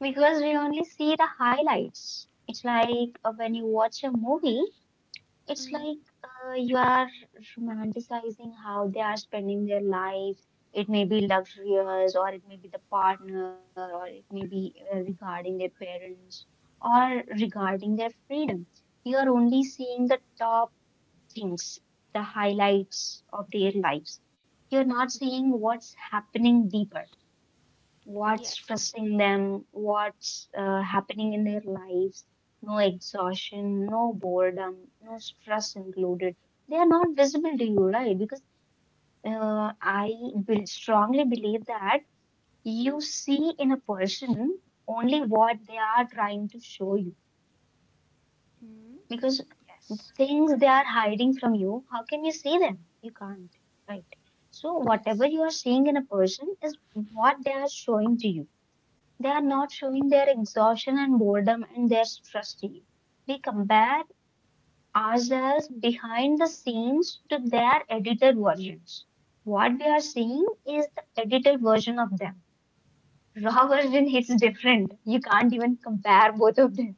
[SPEAKER 2] Because we only see the highlights. It's like when you watch a movie, it's
[SPEAKER 1] Mm,
[SPEAKER 2] like you are romanticizing how they are spending their life. It may be luxurious, or it may be the partner, or it may be regarding their parents, or regarding their freedom. You are only seeing the top things, the highlights of their lives. You're not seeing what's happening deeper, what's
[SPEAKER 1] yes,
[SPEAKER 2] stressing them, what's happening in their lives. No exhaustion, no boredom, no stress included. They are not visible to you, right? Because I will strongly believe that you see in a person only what they are trying to show you.
[SPEAKER 1] hmm?
[SPEAKER 2] Because
[SPEAKER 1] Yes,
[SPEAKER 2] things they are hiding from you, how can you see them? You can't, right? So, whatever
[SPEAKER 1] yes.
[SPEAKER 2] you are seeing in a person is what they are showing to you. They are not showing their exhaustion and boredom and their stress to you. We compare ourselves behind the scenes to their edited versions. What we are seeing is the edited version of them. Raw version is different. You can't even compare both of them.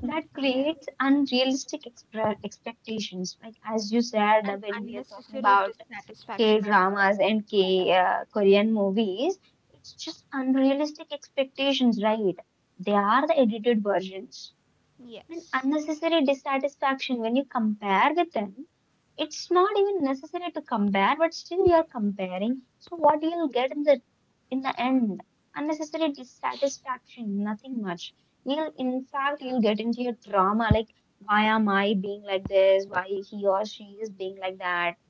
[SPEAKER 1] Hmm,
[SPEAKER 2] That
[SPEAKER 1] yes.
[SPEAKER 2] creates unrealistic expectations. Like as you said,
[SPEAKER 1] And
[SPEAKER 2] when we are talking
[SPEAKER 1] unnecessary
[SPEAKER 2] about K
[SPEAKER 1] dissatisfaction also,
[SPEAKER 2] dramas
[SPEAKER 1] I want
[SPEAKER 2] and
[SPEAKER 1] to add up.
[SPEAKER 2] K Korean movies, it's just unrealistic expectations, right? They are the edited versions. And
[SPEAKER 1] Yes.
[SPEAKER 2] unnecessary dissatisfaction when you compare with them. It's not even necessary to compare, but still you're comparing. So what you'll get in the end? Unnecessary dissatisfaction, nothing much. You'll in fact
[SPEAKER 1] Yeah.
[SPEAKER 2] you'll get into your drama like why am I being like this? Why he or she is being like that?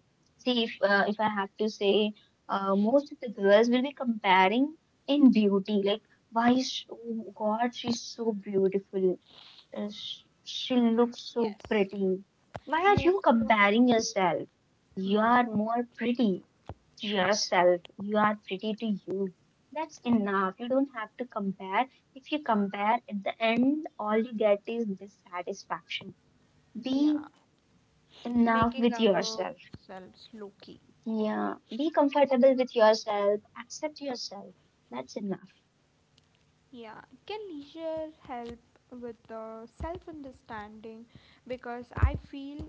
[SPEAKER 2] See, if I have to say, most of the girls will be comparing in beauty, like why is oh God, she's so beautiful, sh she looks so
[SPEAKER 1] Yes.
[SPEAKER 2] pretty. Why are you
[SPEAKER 1] Most of our,
[SPEAKER 2] comparing yourself? You
[SPEAKER 1] yeah,
[SPEAKER 2] are more pretty to yourself. You are pretty to you. That's enough. You don't have to compare. If you compare at the end, all you get is dissatisfaction. Be
[SPEAKER 1] yeah,
[SPEAKER 2] enough
[SPEAKER 1] making
[SPEAKER 2] with yourself.
[SPEAKER 1] ourselves low-key.
[SPEAKER 2] Yeah, be comfortable with yourself, accept yourself. That's enough.
[SPEAKER 1] Yeah, can leisure help with the self-understanding? Because I feel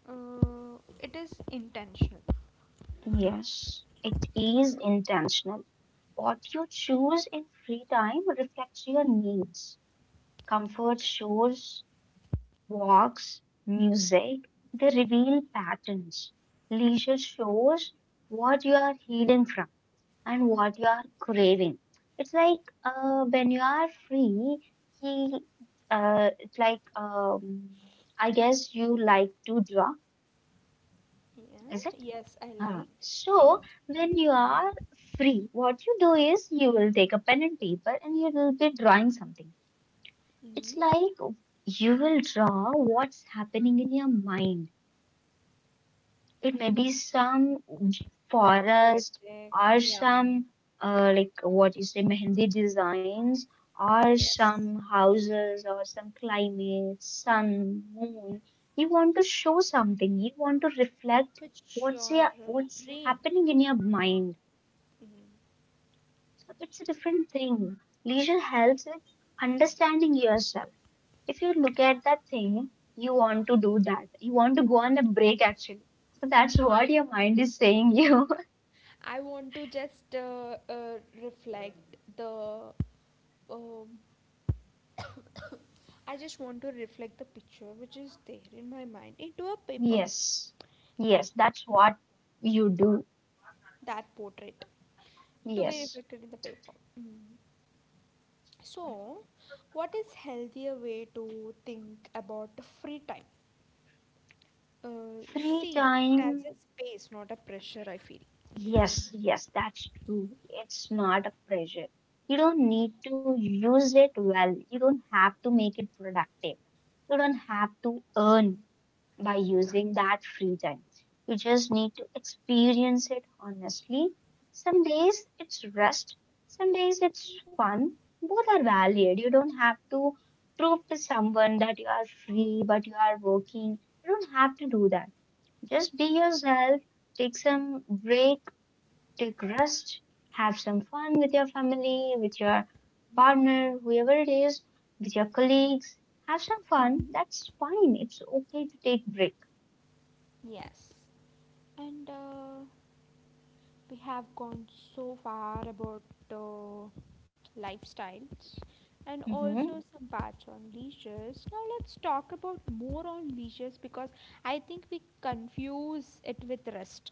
[SPEAKER 1] it is intentional.
[SPEAKER 2] Yes, it is intentional. What you choose in free time reflects your needs. Comfort shows, walks, music, they reveal patterns. Leisure shows what you are hidden from, and what you are craving. It's like when you are free, he, it's like I guess you like to draw,
[SPEAKER 1] Yeah,
[SPEAKER 2] is it?
[SPEAKER 1] yes, I
[SPEAKER 2] Huh.
[SPEAKER 1] like
[SPEAKER 2] So
[SPEAKER 1] painting,
[SPEAKER 2] when you are free, what you do is you will take a pen and paper and you will be drawing something. It's
[SPEAKER 1] mm,
[SPEAKER 2] like you will draw what's happening in your mind. It may be some j- forest
[SPEAKER 1] poetic.
[SPEAKER 2] or
[SPEAKER 1] Yeah,
[SPEAKER 2] some like what you say Mehndi designs or
[SPEAKER 1] yes,
[SPEAKER 2] some houses or some climate, sun, moon. You want to show something. You want to reflect
[SPEAKER 1] which your
[SPEAKER 2] what's
[SPEAKER 1] brain?
[SPEAKER 2] happening in your mind. So it's a different thing. Leisure helps with understanding yourself. If you look at that thing, you want to do that. You want to go on a break actually. So that's what your mind is saying you.
[SPEAKER 1] I want to just reflect the. Um, I just want to reflect the picture which is there in my mind into a paper.
[SPEAKER 2] Yes,
[SPEAKER 1] That
[SPEAKER 2] yes, that's what you do.
[SPEAKER 1] that portrait to be
[SPEAKER 2] Yes.
[SPEAKER 1] reflected in the paper. Mm. So, what is healthier way to think about the free time?
[SPEAKER 2] Free
[SPEAKER 1] See it
[SPEAKER 2] time.
[SPEAKER 1] as a space, not a pressure. I feel.
[SPEAKER 2] Yes, yes, that's true. It's not a pressure. You don't need to use it well. You don't have to make it productive. You don't have to earn by using that free time. You just need to experience it honestly. Some days it's rest, some days it's fun. Both are valid. You don't have to prove to someone that you are free, but you are working. You don't have to do that. Just be yourself, take some break, take rest, have some fun with your family, with your partner, whoever it is, with your colleagues. Have some fun.
[SPEAKER 1] Mhm.
[SPEAKER 2] That's fine. It's okay to take break.
[SPEAKER 1] Yes. And we have gone so far about uh, lifestyles and
[SPEAKER 2] hmm
[SPEAKER 1] also some parts on leisures. Now let's talk about more on leisures because I think we confuse it with rest.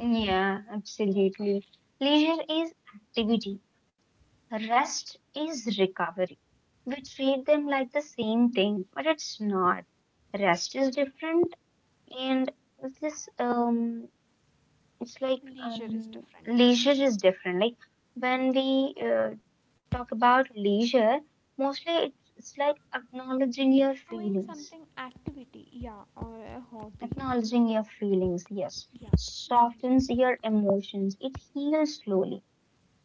[SPEAKER 2] Yeah, absolutely. Leisure is activity, rest is recovery. We treat them like the same thing, but it's not. Rest is different, and this it's like
[SPEAKER 1] Leisure is different.
[SPEAKER 2] leisure is different. Like when we talk about leisure, mostly it's like acknowledging your
[SPEAKER 1] Doing
[SPEAKER 2] feelings,
[SPEAKER 1] something activity, yeah, or a hobby.
[SPEAKER 2] acknowledging your feelings. Yes,
[SPEAKER 1] Yeah.
[SPEAKER 2] softens your emotions. It heals slowly.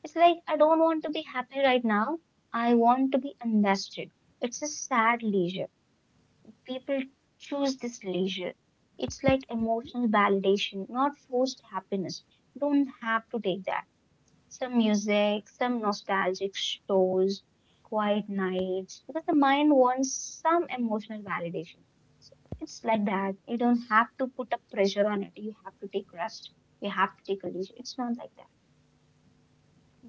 [SPEAKER 2] It's like I don't want to be happy right now. I want to be understood. It's a sad leisure. People choose this leisure. It's like emotional validation, not forced happiness. You don't have to take that. Some music, some nostalgic shows, quiet nights, because the mind wants some emotional validation. So it's like
[SPEAKER 1] Mm.
[SPEAKER 2] that. You don't
[SPEAKER 1] S-,
[SPEAKER 2] have to put a pressure on it. You have to take rest. You have to take a leisure. It's not like that.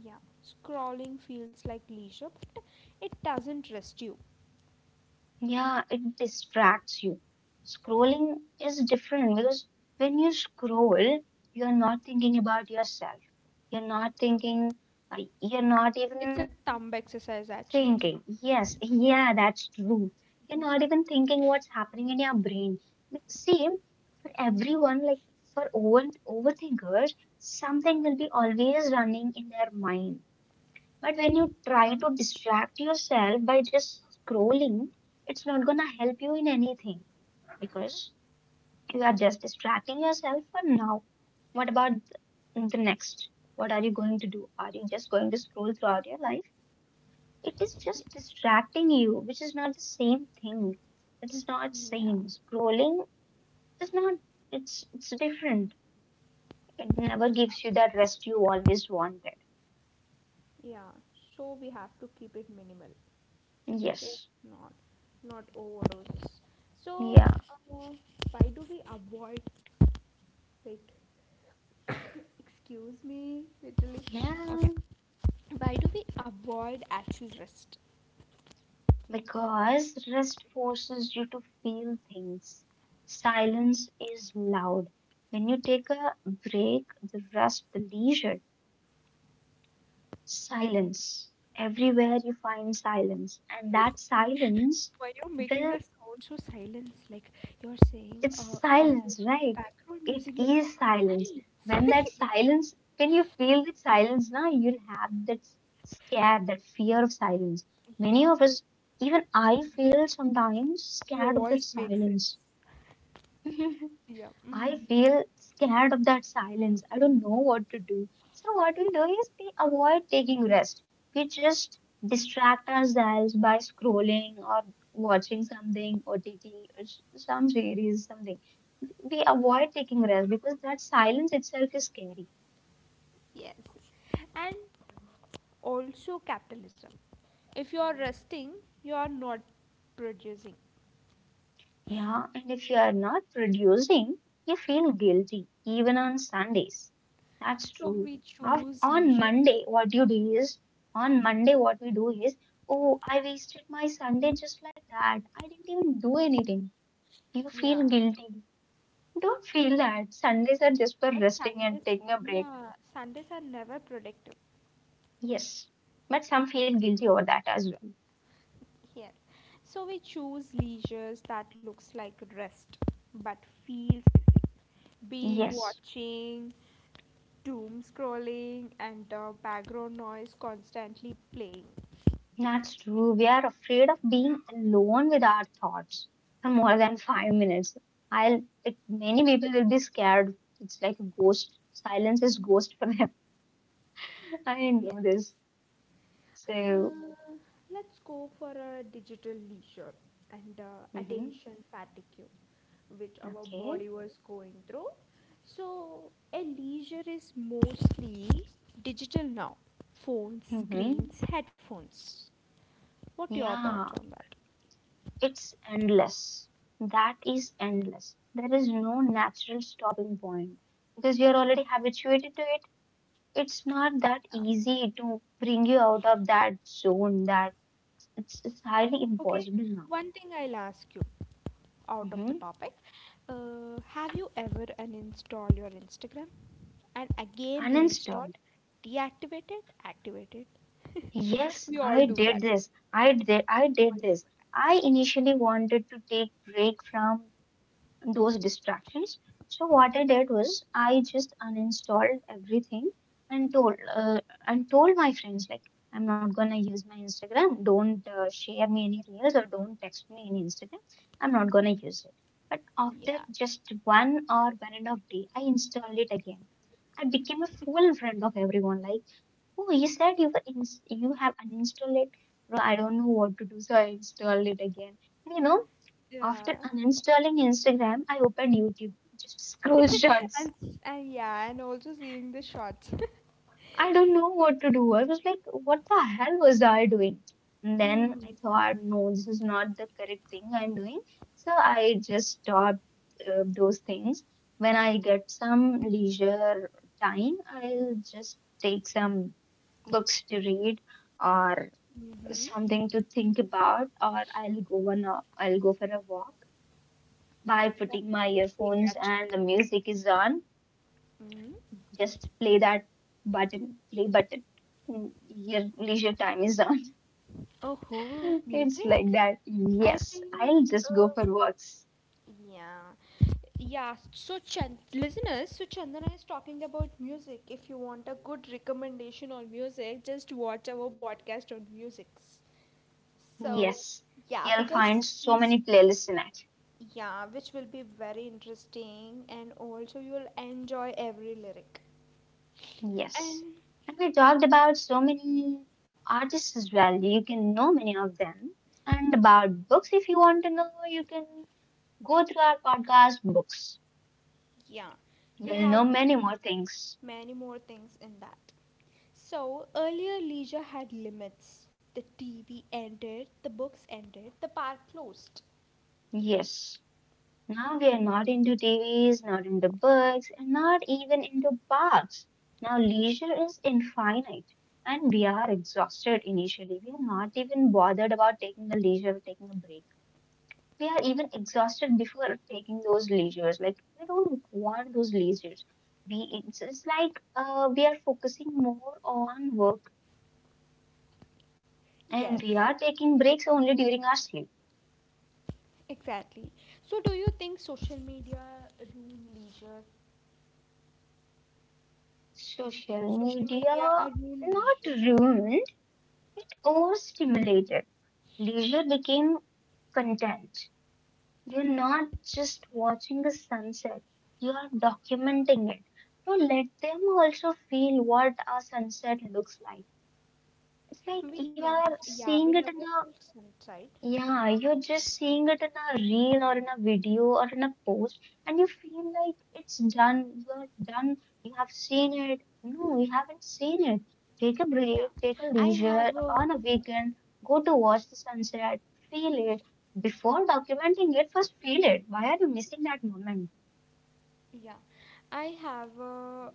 [SPEAKER 1] yeah. Scrolling feels like leisure, but it doesn't rest you.
[SPEAKER 2] Yeah, it distracts you. Scrolling is different because when you scroll, you're not thinking about yourself. You're not thinking, you're not
[SPEAKER 1] It's
[SPEAKER 2] even
[SPEAKER 1] a thumb exercise actually.
[SPEAKER 2] thinking. Yes, yeah, that's true. You're not even thinking what's happening in your brain. But see, for everyone, like for overthinkers, something will be always running in their mind. But when you try to distract yourself by just scrolling, it's not gonna help you in anything because you are just distracting yourself for now. What about the next? What are you going to do? Are you just going to scroll throughout your life? It is just
[SPEAKER 1] Yes.
[SPEAKER 2] distracting you, which is not the same thing. It is not
[SPEAKER 1] Yeah.
[SPEAKER 2] same. Scrolling is not. It's different. It never
[SPEAKER 1] Yeah.
[SPEAKER 2] gives you that rest you always wanted.
[SPEAKER 1] Yeah, so we have to keep it minimal, okay?
[SPEAKER 2] Yes.
[SPEAKER 1] Not not overdose. So,
[SPEAKER 2] Yeah.
[SPEAKER 1] uh, why do we avoid? Wait, excuse me, literally. Okay,
[SPEAKER 2] Yeah.
[SPEAKER 1] why do we avoid actual rest?
[SPEAKER 2] Because rest forces you to feel things. Silence is loud. When you take a break, the rest, the leisure,
[SPEAKER 1] Mm.
[SPEAKER 2] silence. Everywhere you find silence. And that silence
[SPEAKER 1] Why you making a
[SPEAKER 2] will,
[SPEAKER 1] sound so silence? Like, you're saying,
[SPEAKER 2] it's
[SPEAKER 1] it has a
[SPEAKER 2] silence, right?
[SPEAKER 1] background
[SPEAKER 2] It
[SPEAKER 1] music like
[SPEAKER 2] is silence. When
[SPEAKER 1] silence.
[SPEAKER 2] that silence, when you feel that silence now, you'll have that scare, that fear of silence. Many
[SPEAKER 1] Yeah,
[SPEAKER 2] of us, even I feel sometimes
[SPEAKER 1] your
[SPEAKER 2] scared of that
[SPEAKER 1] voice makes
[SPEAKER 2] silence.
[SPEAKER 1] sense. Yeah.
[SPEAKER 2] I
[SPEAKER 1] Mm,
[SPEAKER 2] feel scared of that silence. I don't know what to do. So what we do is we avoid taking rest. We just distract ourselves by scrolling or watching something, OTT, or some series, something. We avoid taking rest because that silence itself is scary.
[SPEAKER 1] yes. And also capitalism. If you are resting, you are not producing.
[SPEAKER 2] Yeah, and if you are not producing, you feel guilty, even on Sundays. That's
[SPEAKER 1] So
[SPEAKER 2] true.
[SPEAKER 1] we choose
[SPEAKER 2] On
[SPEAKER 1] leisure.
[SPEAKER 2] Monday, what you do is, on Monday, what we do is, oh, I wasted my Sunday just like that. I didn't even do anything. You feel
[SPEAKER 1] Yeah,
[SPEAKER 2] guilty. Don't feel that. Sundays are just for
[SPEAKER 1] but
[SPEAKER 2] resting and
[SPEAKER 1] Sundays,
[SPEAKER 2] taking a break.
[SPEAKER 1] yeah, Sundays are never productive.
[SPEAKER 2] Yes. But some feel guilty over that as well.
[SPEAKER 1] Yes, so we choose leisures that looks like rest, but feels busy. Being
[SPEAKER 2] Yes.
[SPEAKER 1] watching, doom scrolling, and the background noise constantly playing.
[SPEAKER 2] That's true. We are afraid of being alone with our thoughts for more than 5 minutes. I'll like many people will be scared. It's like a ghost. Silence is ghost for them. I
[SPEAKER 1] Yes.
[SPEAKER 2] know this. So,
[SPEAKER 1] Uh, let's go for a digital leisure and
[SPEAKER 2] hmm
[SPEAKER 1] attention fatigue, which our
[SPEAKER 2] okay.
[SPEAKER 1] body was going through. So, a leisure is mostly digital now, phones,
[SPEAKER 2] hmm
[SPEAKER 1] screens, headphones. What your thoughts
[SPEAKER 2] Yeah,
[SPEAKER 1] on that?
[SPEAKER 2] it's endless. That is endless. There is no natural stopping point because you're already habituated to it. It's not that
[SPEAKER 1] Yeah.
[SPEAKER 2] easy to bring you out of that zone, that. It's highly
[SPEAKER 1] Okay,
[SPEAKER 2] impossible now.
[SPEAKER 1] one thing I'll ask you. Out of the
[SPEAKER 2] Mm-hmm.
[SPEAKER 1] topic. Have you ever uninstalled your Instagram and again reinstall,
[SPEAKER 2] Uninstalled.
[SPEAKER 1] deactivate it, activate it?
[SPEAKER 2] Yes,
[SPEAKER 1] We all
[SPEAKER 2] I
[SPEAKER 1] do
[SPEAKER 2] did
[SPEAKER 1] that
[SPEAKER 2] this. I did
[SPEAKER 1] multiple
[SPEAKER 2] this. I
[SPEAKER 1] times.
[SPEAKER 2] initially wanted to take break from those distractions. So what I did was I just uninstalled everything and told my friends like I'm not gonna use my Instagram. Don't share me any reels or don't text me any Instagram. I'm not gonna use it. But after
[SPEAKER 1] Yeah,
[SPEAKER 2] just one or one and a half day, I installed it again. I became a full friend of everyone. Like, oh, you said you were you have uninstalled it. Bro, I don't know what to do, so I installed it again. And you know,
[SPEAKER 1] yeah,
[SPEAKER 2] after uninstalling Instagram, I opened YouTube, just scroll shots.
[SPEAKER 1] and, s-, and yeah, and also seeing the shots.
[SPEAKER 2] I don't know what to do. I was like, what the hell was I doing? And then
[SPEAKER 1] Mm.
[SPEAKER 2] I thought, no, this is not the correct thing I'm doing. So I just stopped those things. When I get some leisure time, I'll just take some books to read or
[SPEAKER 1] Mm-hmm.
[SPEAKER 2] something to think about, or I'll I'll go for a walk by
[SPEAKER 1] That's
[SPEAKER 2] putting my
[SPEAKER 1] a good thing
[SPEAKER 2] earphones
[SPEAKER 1] actually.
[SPEAKER 2] and the music is on.
[SPEAKER 1] Mm-hmm.
[SPEAKER 2] Just play button. Your leisure time is on.
[SPEAKER 1] Oh,
[SPEAKER 2] It's like
[SPEAKER 1] music.
[SPEAKER 2] that.
[SPEAKER 1] I
[SPEAKER 2] Yes, I'll
[SPEAKER 1] think.
[SPEAKER 2] just go
[SPEAKER 1] Uh,
[SPEAKER 2] for walks.
[SPEAKER 1] Yeah. Yeah. So, Chand- listeners, so Chandana is talking about music. If you want a good recommendation on music, just watch our podcast on musics. So,
[SPEAKER 2] Yes,
[SPEAKER 1] yeah,
[SPEAKER 2] you'll
[SPEAKER 1] because
[SPEAKER 2] find so
[SPEAKER 1] she's,
[SPEAKER 2] many playlists in it.
[SPEAKER 1] yeah, which will be very interesting and also you'll enjoy every lyric.
[SPEAKER 2] Yes.
[SPEAKER 1] And
[SPEAKER 2] And we talked about so many artists as well. You can know many of them. And about books, if you want to know, you can go through our podcast books.
[SPEAKER 1] yeah, we
[SPEAKER 2] You'll know
[SPEAKER 1] have
[SPEAKER 2] many more things.
[SPEAKER 1] many more things in that. So, earlier leisure had limits. The TV ended, the books ended, the park closed.
[SPEAKER 2] Yes. Now we are not into TVs, not into books, and not even into parks. Now leisure is infinite, and we are exhausted initially. We are not even bothered about taking a leisure, taking a break. We are even exhausted before taking those leisures. Like we don't want those leisures. It's like we are focusing more on work,
[SPEAKER 1] Yes,
[SPEAKER 2] and we are taking breaks only during our sleep.
[SPEAKER 1] exactly. So, do you think social media ruin leisure?
[SPEAKER 2] Social
[SPEAKER 1] Social
[SPEAKER 2] media
[SPEAKER 1] media ruin
[SPEAKER 2] not
[SPEAKER 1] leisure.
[SPEAKER 2] ruined, overstimulated. Leisure became content. You're not just watching a sunset, you are documenting it. So let them also feel what a sunset looks like. It's like
[SPEAKER 1] We
[SPEAKER 2] you
[SPEAKER 1] never,
[SPEAKER 2] are
[SPEAKER 1] yeah, we
[SPEAKER 2] seeing
[SPEAKER 1] never
[SPEAKER 2] it in the
[SPEAKER 1] felt sunshine.
[SPEAKER 2] yeah, you're just seeing it in a reel or in a video or in a post, and you feel like it's done, you're done, you have seen it. No, you haven't seen it. Take a
[SPEAKER 1] Yeah,
[SPEAKER 2] break, take a
[SPEAKER 1] I
[SPEAKER 2] leisure
[SPEAKER 1] have
[SPEAKER 2] on
[SPEAKER 1] a,
[SPEAKER 2] a weekend, go to watch the sunset, feel it. Before documenting it, first feel it. Why are you missing that moment?
[SPEAKER 1] yeah, I have a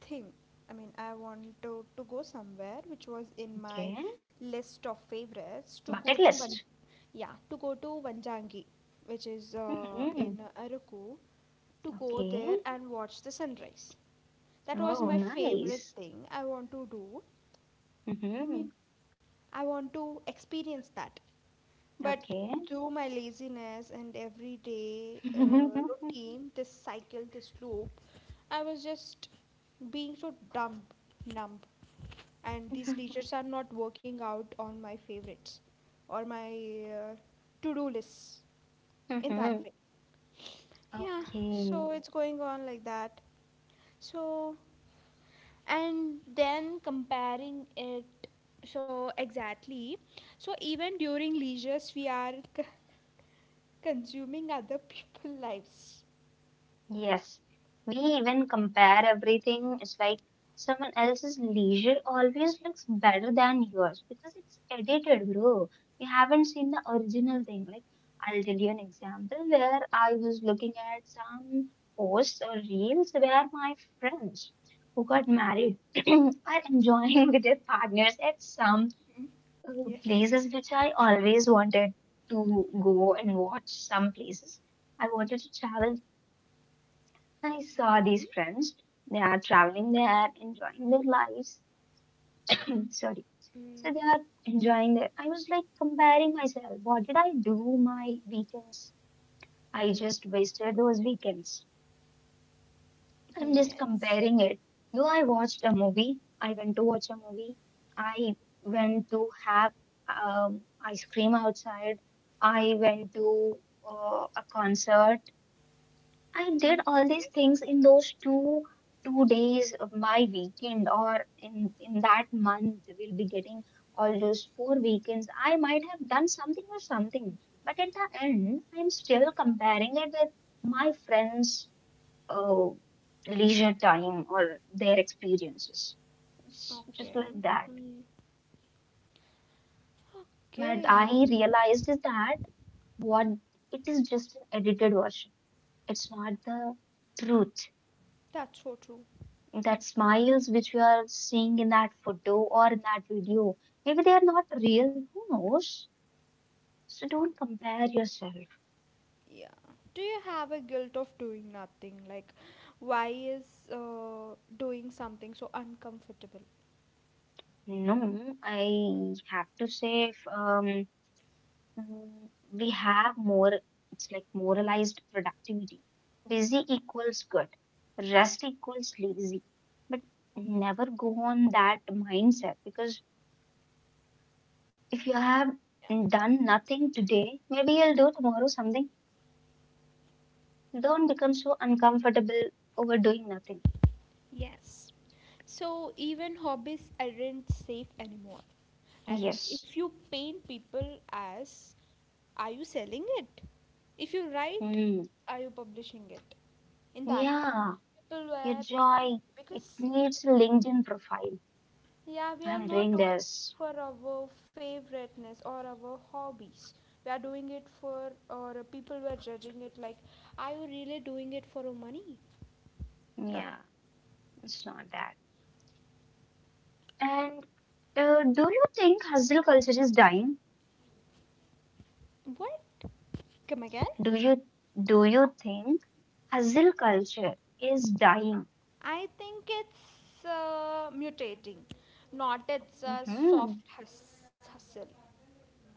[SPEAKER 1] thing. I mean, I want to go somewhere which was in my
[SPEAKER 2] Okay,
[SPEAKER 1] list of favorites to go
[SPEAKER 2] bucket
[SPEAKER 1] to Van,
[SPEAKER 2] list.
[SPEAKER 1] yeah, to go to Vanjangi, which is
[SPEAKER 2] Hmm.
[SPEAKER 1] in Araku, to go
[SPEAKER 2] Okay.
[SPEAKER 1] there and watch the sunrise. That was
[SPEAKER 2] Oh,
[SPEAKER 1] my favorite
[SPEAKER 2] nice.
[SPEAKER 1] thing I want to do. I mean,
[SPEAKER 2] Hmm.
[SPEAKER 1] I want to experience that. But
[SPEAKER 2] Okay.
[SPEAKER 1] through my laziness and everyday routine, this cycle, this loop, I was just being so dumb, numb. And these leisures are not working out on my favorites or my uh, to do lists, in that
[SPEAKER 2] Hmm.
[SPEAKER 1] way. Yeah,
[SPEAKER 2] Okay.
[SPEAKER 1] so it's going on like that. So, and then comparing it, so exactly, so even during leisures we are consuming other people's lives.
[SPEAKER 2] Yes, we even compare everything. It's like someone else's leisure always looks better than yours because it's edited, bro. You haven't seen the original thing. Like, I'll tell you an example where I was looking at some posts or reels where my friends who got married are enjoying with their partners at some
[SPEAKER 1] Yes.
[SPEAKER 2] places which I always wanted to go and watch some places. I wanted to travel. I saw these
[SPEAKER 1] Mm-hmm.
[SPEAKER 2] friends. They are traveling. They are enjoying their lives. Sorry. So they
[SPEAKER 1] Mm-hmm.
[SPEAKER 2] are enjoying their. I was like comparing myself. What did I do my weekends? I just wasted those weekends. I'm just
[SPEAKER 1] Yes.
[SPEAKER 2] comparing it. Though I watched a movie, I went to watch a movie. I went to have ice cream outside. I went to a concert. I did all these things in those two days of my weekend or in that month we'll be getting all those 4 weekends. I might have done something or something, but at the end I'm still comparing it with my friends' uh, leisure time or their experiences. It's just
[SPEAKER 1] Okay.
[SPEAKER 2] like that. But
[SPEAKER 1] Okay.
[SPEAKER 2] I realized is that what it is just an edited version. It's not the truth.
[SPEAKER 1] That's so true.
[SPEAKER 2] That smiles which we are seeing in that photo or in that video, maybe they are not real. Who knows? So don't compare yourself.
[SPEAKER 1] Yeah, do you have a guilt of doing nothing, like, why is doing something so uncomfortable?
[SPEAKER 2] No, I have to say, if, we have more, it's like moralized productivity. Busy equals good, rest equals lazy. But never go on that mindset because if you have done nothing today, maybe you'll do tomorrow something. Don't become so uncomfortable over doing nothing.
[SPEAKER 1] Yes. So even hobbies aren't safe anymore. And if
[SPEAKER 2] Yes.
[SPEAKER 1] you paint, people as, are you selling it? If you write,
[SPEAKER 2] Hmm.
[SPEAKER 1] are you publishing it? In that way,
[SPEAKER 2] Yeah.
[SPEAKER 1] people
[SPEAKER 2] Your
[SPEAKER 1] were, that
[SPEAKER 2] joy, it
[SPEAKER 1] because,
[SPEAKER 2] needs a LinkedIn profile.
[SPEAKER 1] yeah, we are
[SPEAKER 2] I'm
[SPEAKER 1] not
[SPEAKER 2] doing
[SPEAKER 1] doing
[SPEAKER 2] this.
[SPEAKER 1] it for our favoriteness or our hobbies. We are doing it for, or people were judging it like, are you really doing it for money? That
[SPEAKER 2] Yeah, it's not that. And do you think hustle culture is dying?
[SPEAKER 1] what? Come again?
[SPEAKER 2] Do you do you think hustle culture is dying?
[SPEAKER 1] I think it's mutating, not it's a
[SPEAKER 2] Mm-hmm.
[SPEAKER 1] soft hustle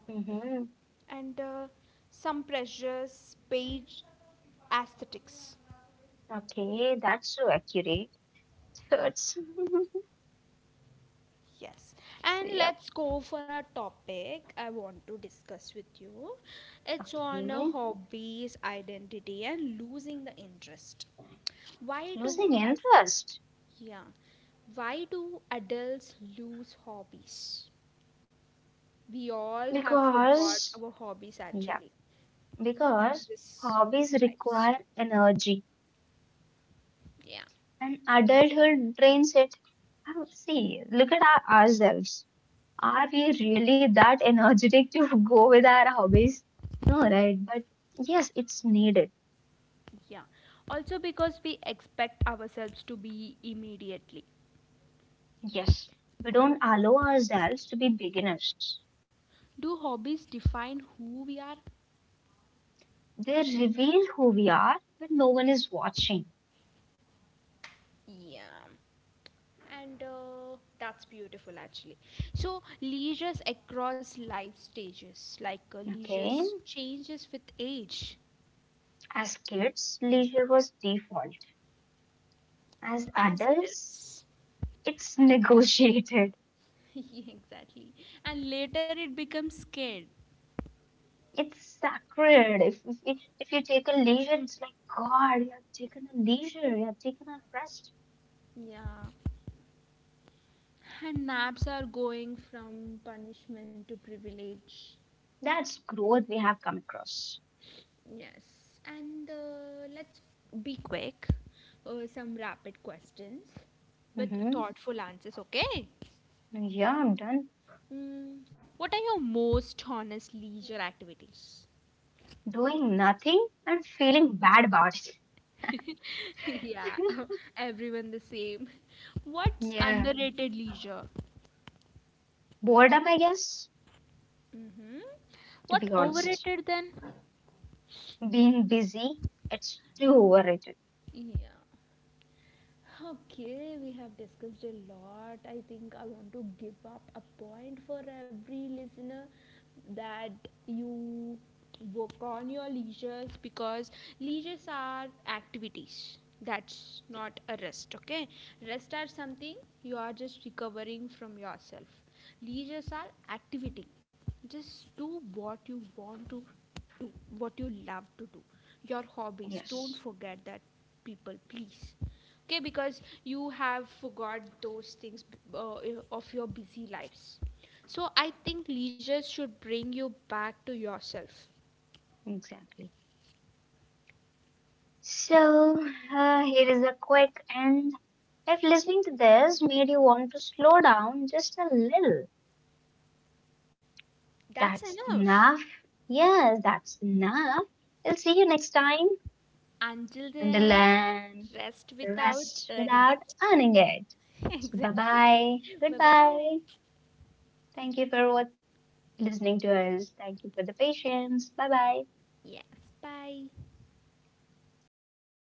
[SPEAKER 2] Mm-hmm.
[SPEAKER 1] and some precious page aesthetics.
[SPEAKER 2] Okay, that's so accurate. Hurts.
[SPEAKER 1] Yes,
[SPEAKER 2] So,
[SPEAKER 1] and
[SPEAKER 2] yep.
[SPEAKER 1] let's go for a topic I want to discuss with you. It's
[SPEAKER 2] Okay.
[SPEAKER 1] on hobbies, identity, and losing the interest. Why do
[SPEAKER 2] Losing
[SPEAKER 1] as,
[SPEAKER 2] interest.
[SPEAKER 1] yeah, why do adults lose hobbies? We all have forgot
[SPEAKER 2] Because,
[SPEAKER 1] our hobbies
[SPEAKER 2] yeah,
[SPEAKER 1] actually in
[SPEAKER 2] because
[SPEAKER 1] this
[SPEAKER 2] hobbies
[SPEAKER 1] busy lives.
[SPEAKER 2] require energy
[SPEAKER 1] Yeah,
[SPEAKER 2] and adulthood drains it. And see, look at our, ourselves. Are we really that energetic to go with our hobbies? No, right? But yes, it's needed.
[SPEAKER 1] yeah. Also, because we expect ourselves to be immediately.
[SPEAKER 2] Yes, we don't allow ourselves to be beginners.
[SPEAKER 1] Do hobbies define who we are?
[SPEAKER 2] They reveal who we are when no one is watching.
[SPEAKER 1] Yeah, and that's beautiful actually. So, leisures across life stages, like
[SPEAKER 2] Okay?
[SPEAKER 1] leisures changes with age,
[SPEAKER 2] As kids, leisure was default. As
[SPEAKER 1] as
[SPEAKER 2] adults,
[SPEAKER 1] adults.
[SPEAKER 2] it's negotiated.
[SPEAKER 1] Yeah, exactly. And later it becomes scared.
[SPEAKER 2] It's sacred. If you take a leisure, it's like God, you have taken a leisure, you have taken a rest.
[SPEAKER 1] Yeah. And naps are going from punishment to privilege.
[SPEAKER 2] That's growth we have come across.
[SPEAKER 1] Yes. And let's be quick. Some rapid questions with
[SPEAKER 2] Hmm.
[SPEAKER 1] thoughtful answers, okay?
[SPEAKER 2] Yeah, I'm done
[SPEAKER 1] Mm, what are your most honest leisure activities?
[SPEAKER 2] doing nothing and feeling bad about it.
[SPEAKER 1] Yeah, everyone the same. What's
[SPEAKER 2] Yeah,
[SPEAKER 1] underrated leisure?
[SPEAKER 2] boredom, I guess,
[SPEAKER 1] Mm-hmm.
[SPEAKER 2] to
[SPEAKER 1] What
[SPEAKER 2] be honest.
[SPEAKER 1] overrated then?
[SPEAKER 2] Being busy, it's too overrated.
[SPEAKER 1] Yeah. Huh, okay, we have discussed a lot. I think I want to give up a point for every listener that you work on your leisures because leisures are activities. That's not a rest, okay? Rest are something you are just recovering from yourself. Leisures are activity. Just do what you want to do, what you love to do, your hobbies, don't
[SPEAKER 2] Yes,
[SPEAKER 1] forget that, people, please, okay? Because you have forgot those things of your busy lives. So I think leisure should bring you back to yourself.
[SPEAKER 2] exactly. So, here is a quick end. If listening to this made you want to slow down just a little,
[SPEAKER 1] That's
[SPEAKER 2] that's
[SPEAKER 1] enough.
[SPEAKER 2] enough. Yes, that's enough. I'll see you next time.
[SPEAKER 1] Until
[SPEAKER 2] And
[SPEAKER 1] then,
[SPEAKER 2] then,
[SPEAKER 1] rest without
[SPEAKER 2] rest
[SPEAKER 1] earning
[SPEAKER 2] without
[SPEAKER 1] it.
[SPEAKER 2] earning it. So bye
[SPEAKER 1] Exactly.
[SPEAKER 2] bye.
[SPEAKER 1] Bye
[SPEAKER 2] Goodbye.
[SPEAKER 1] bye.
[SPEAKER 2] Thank you for what listening to us. Thank you for the patience. Bye bye.
[SPEAKER 1] Yes, bye.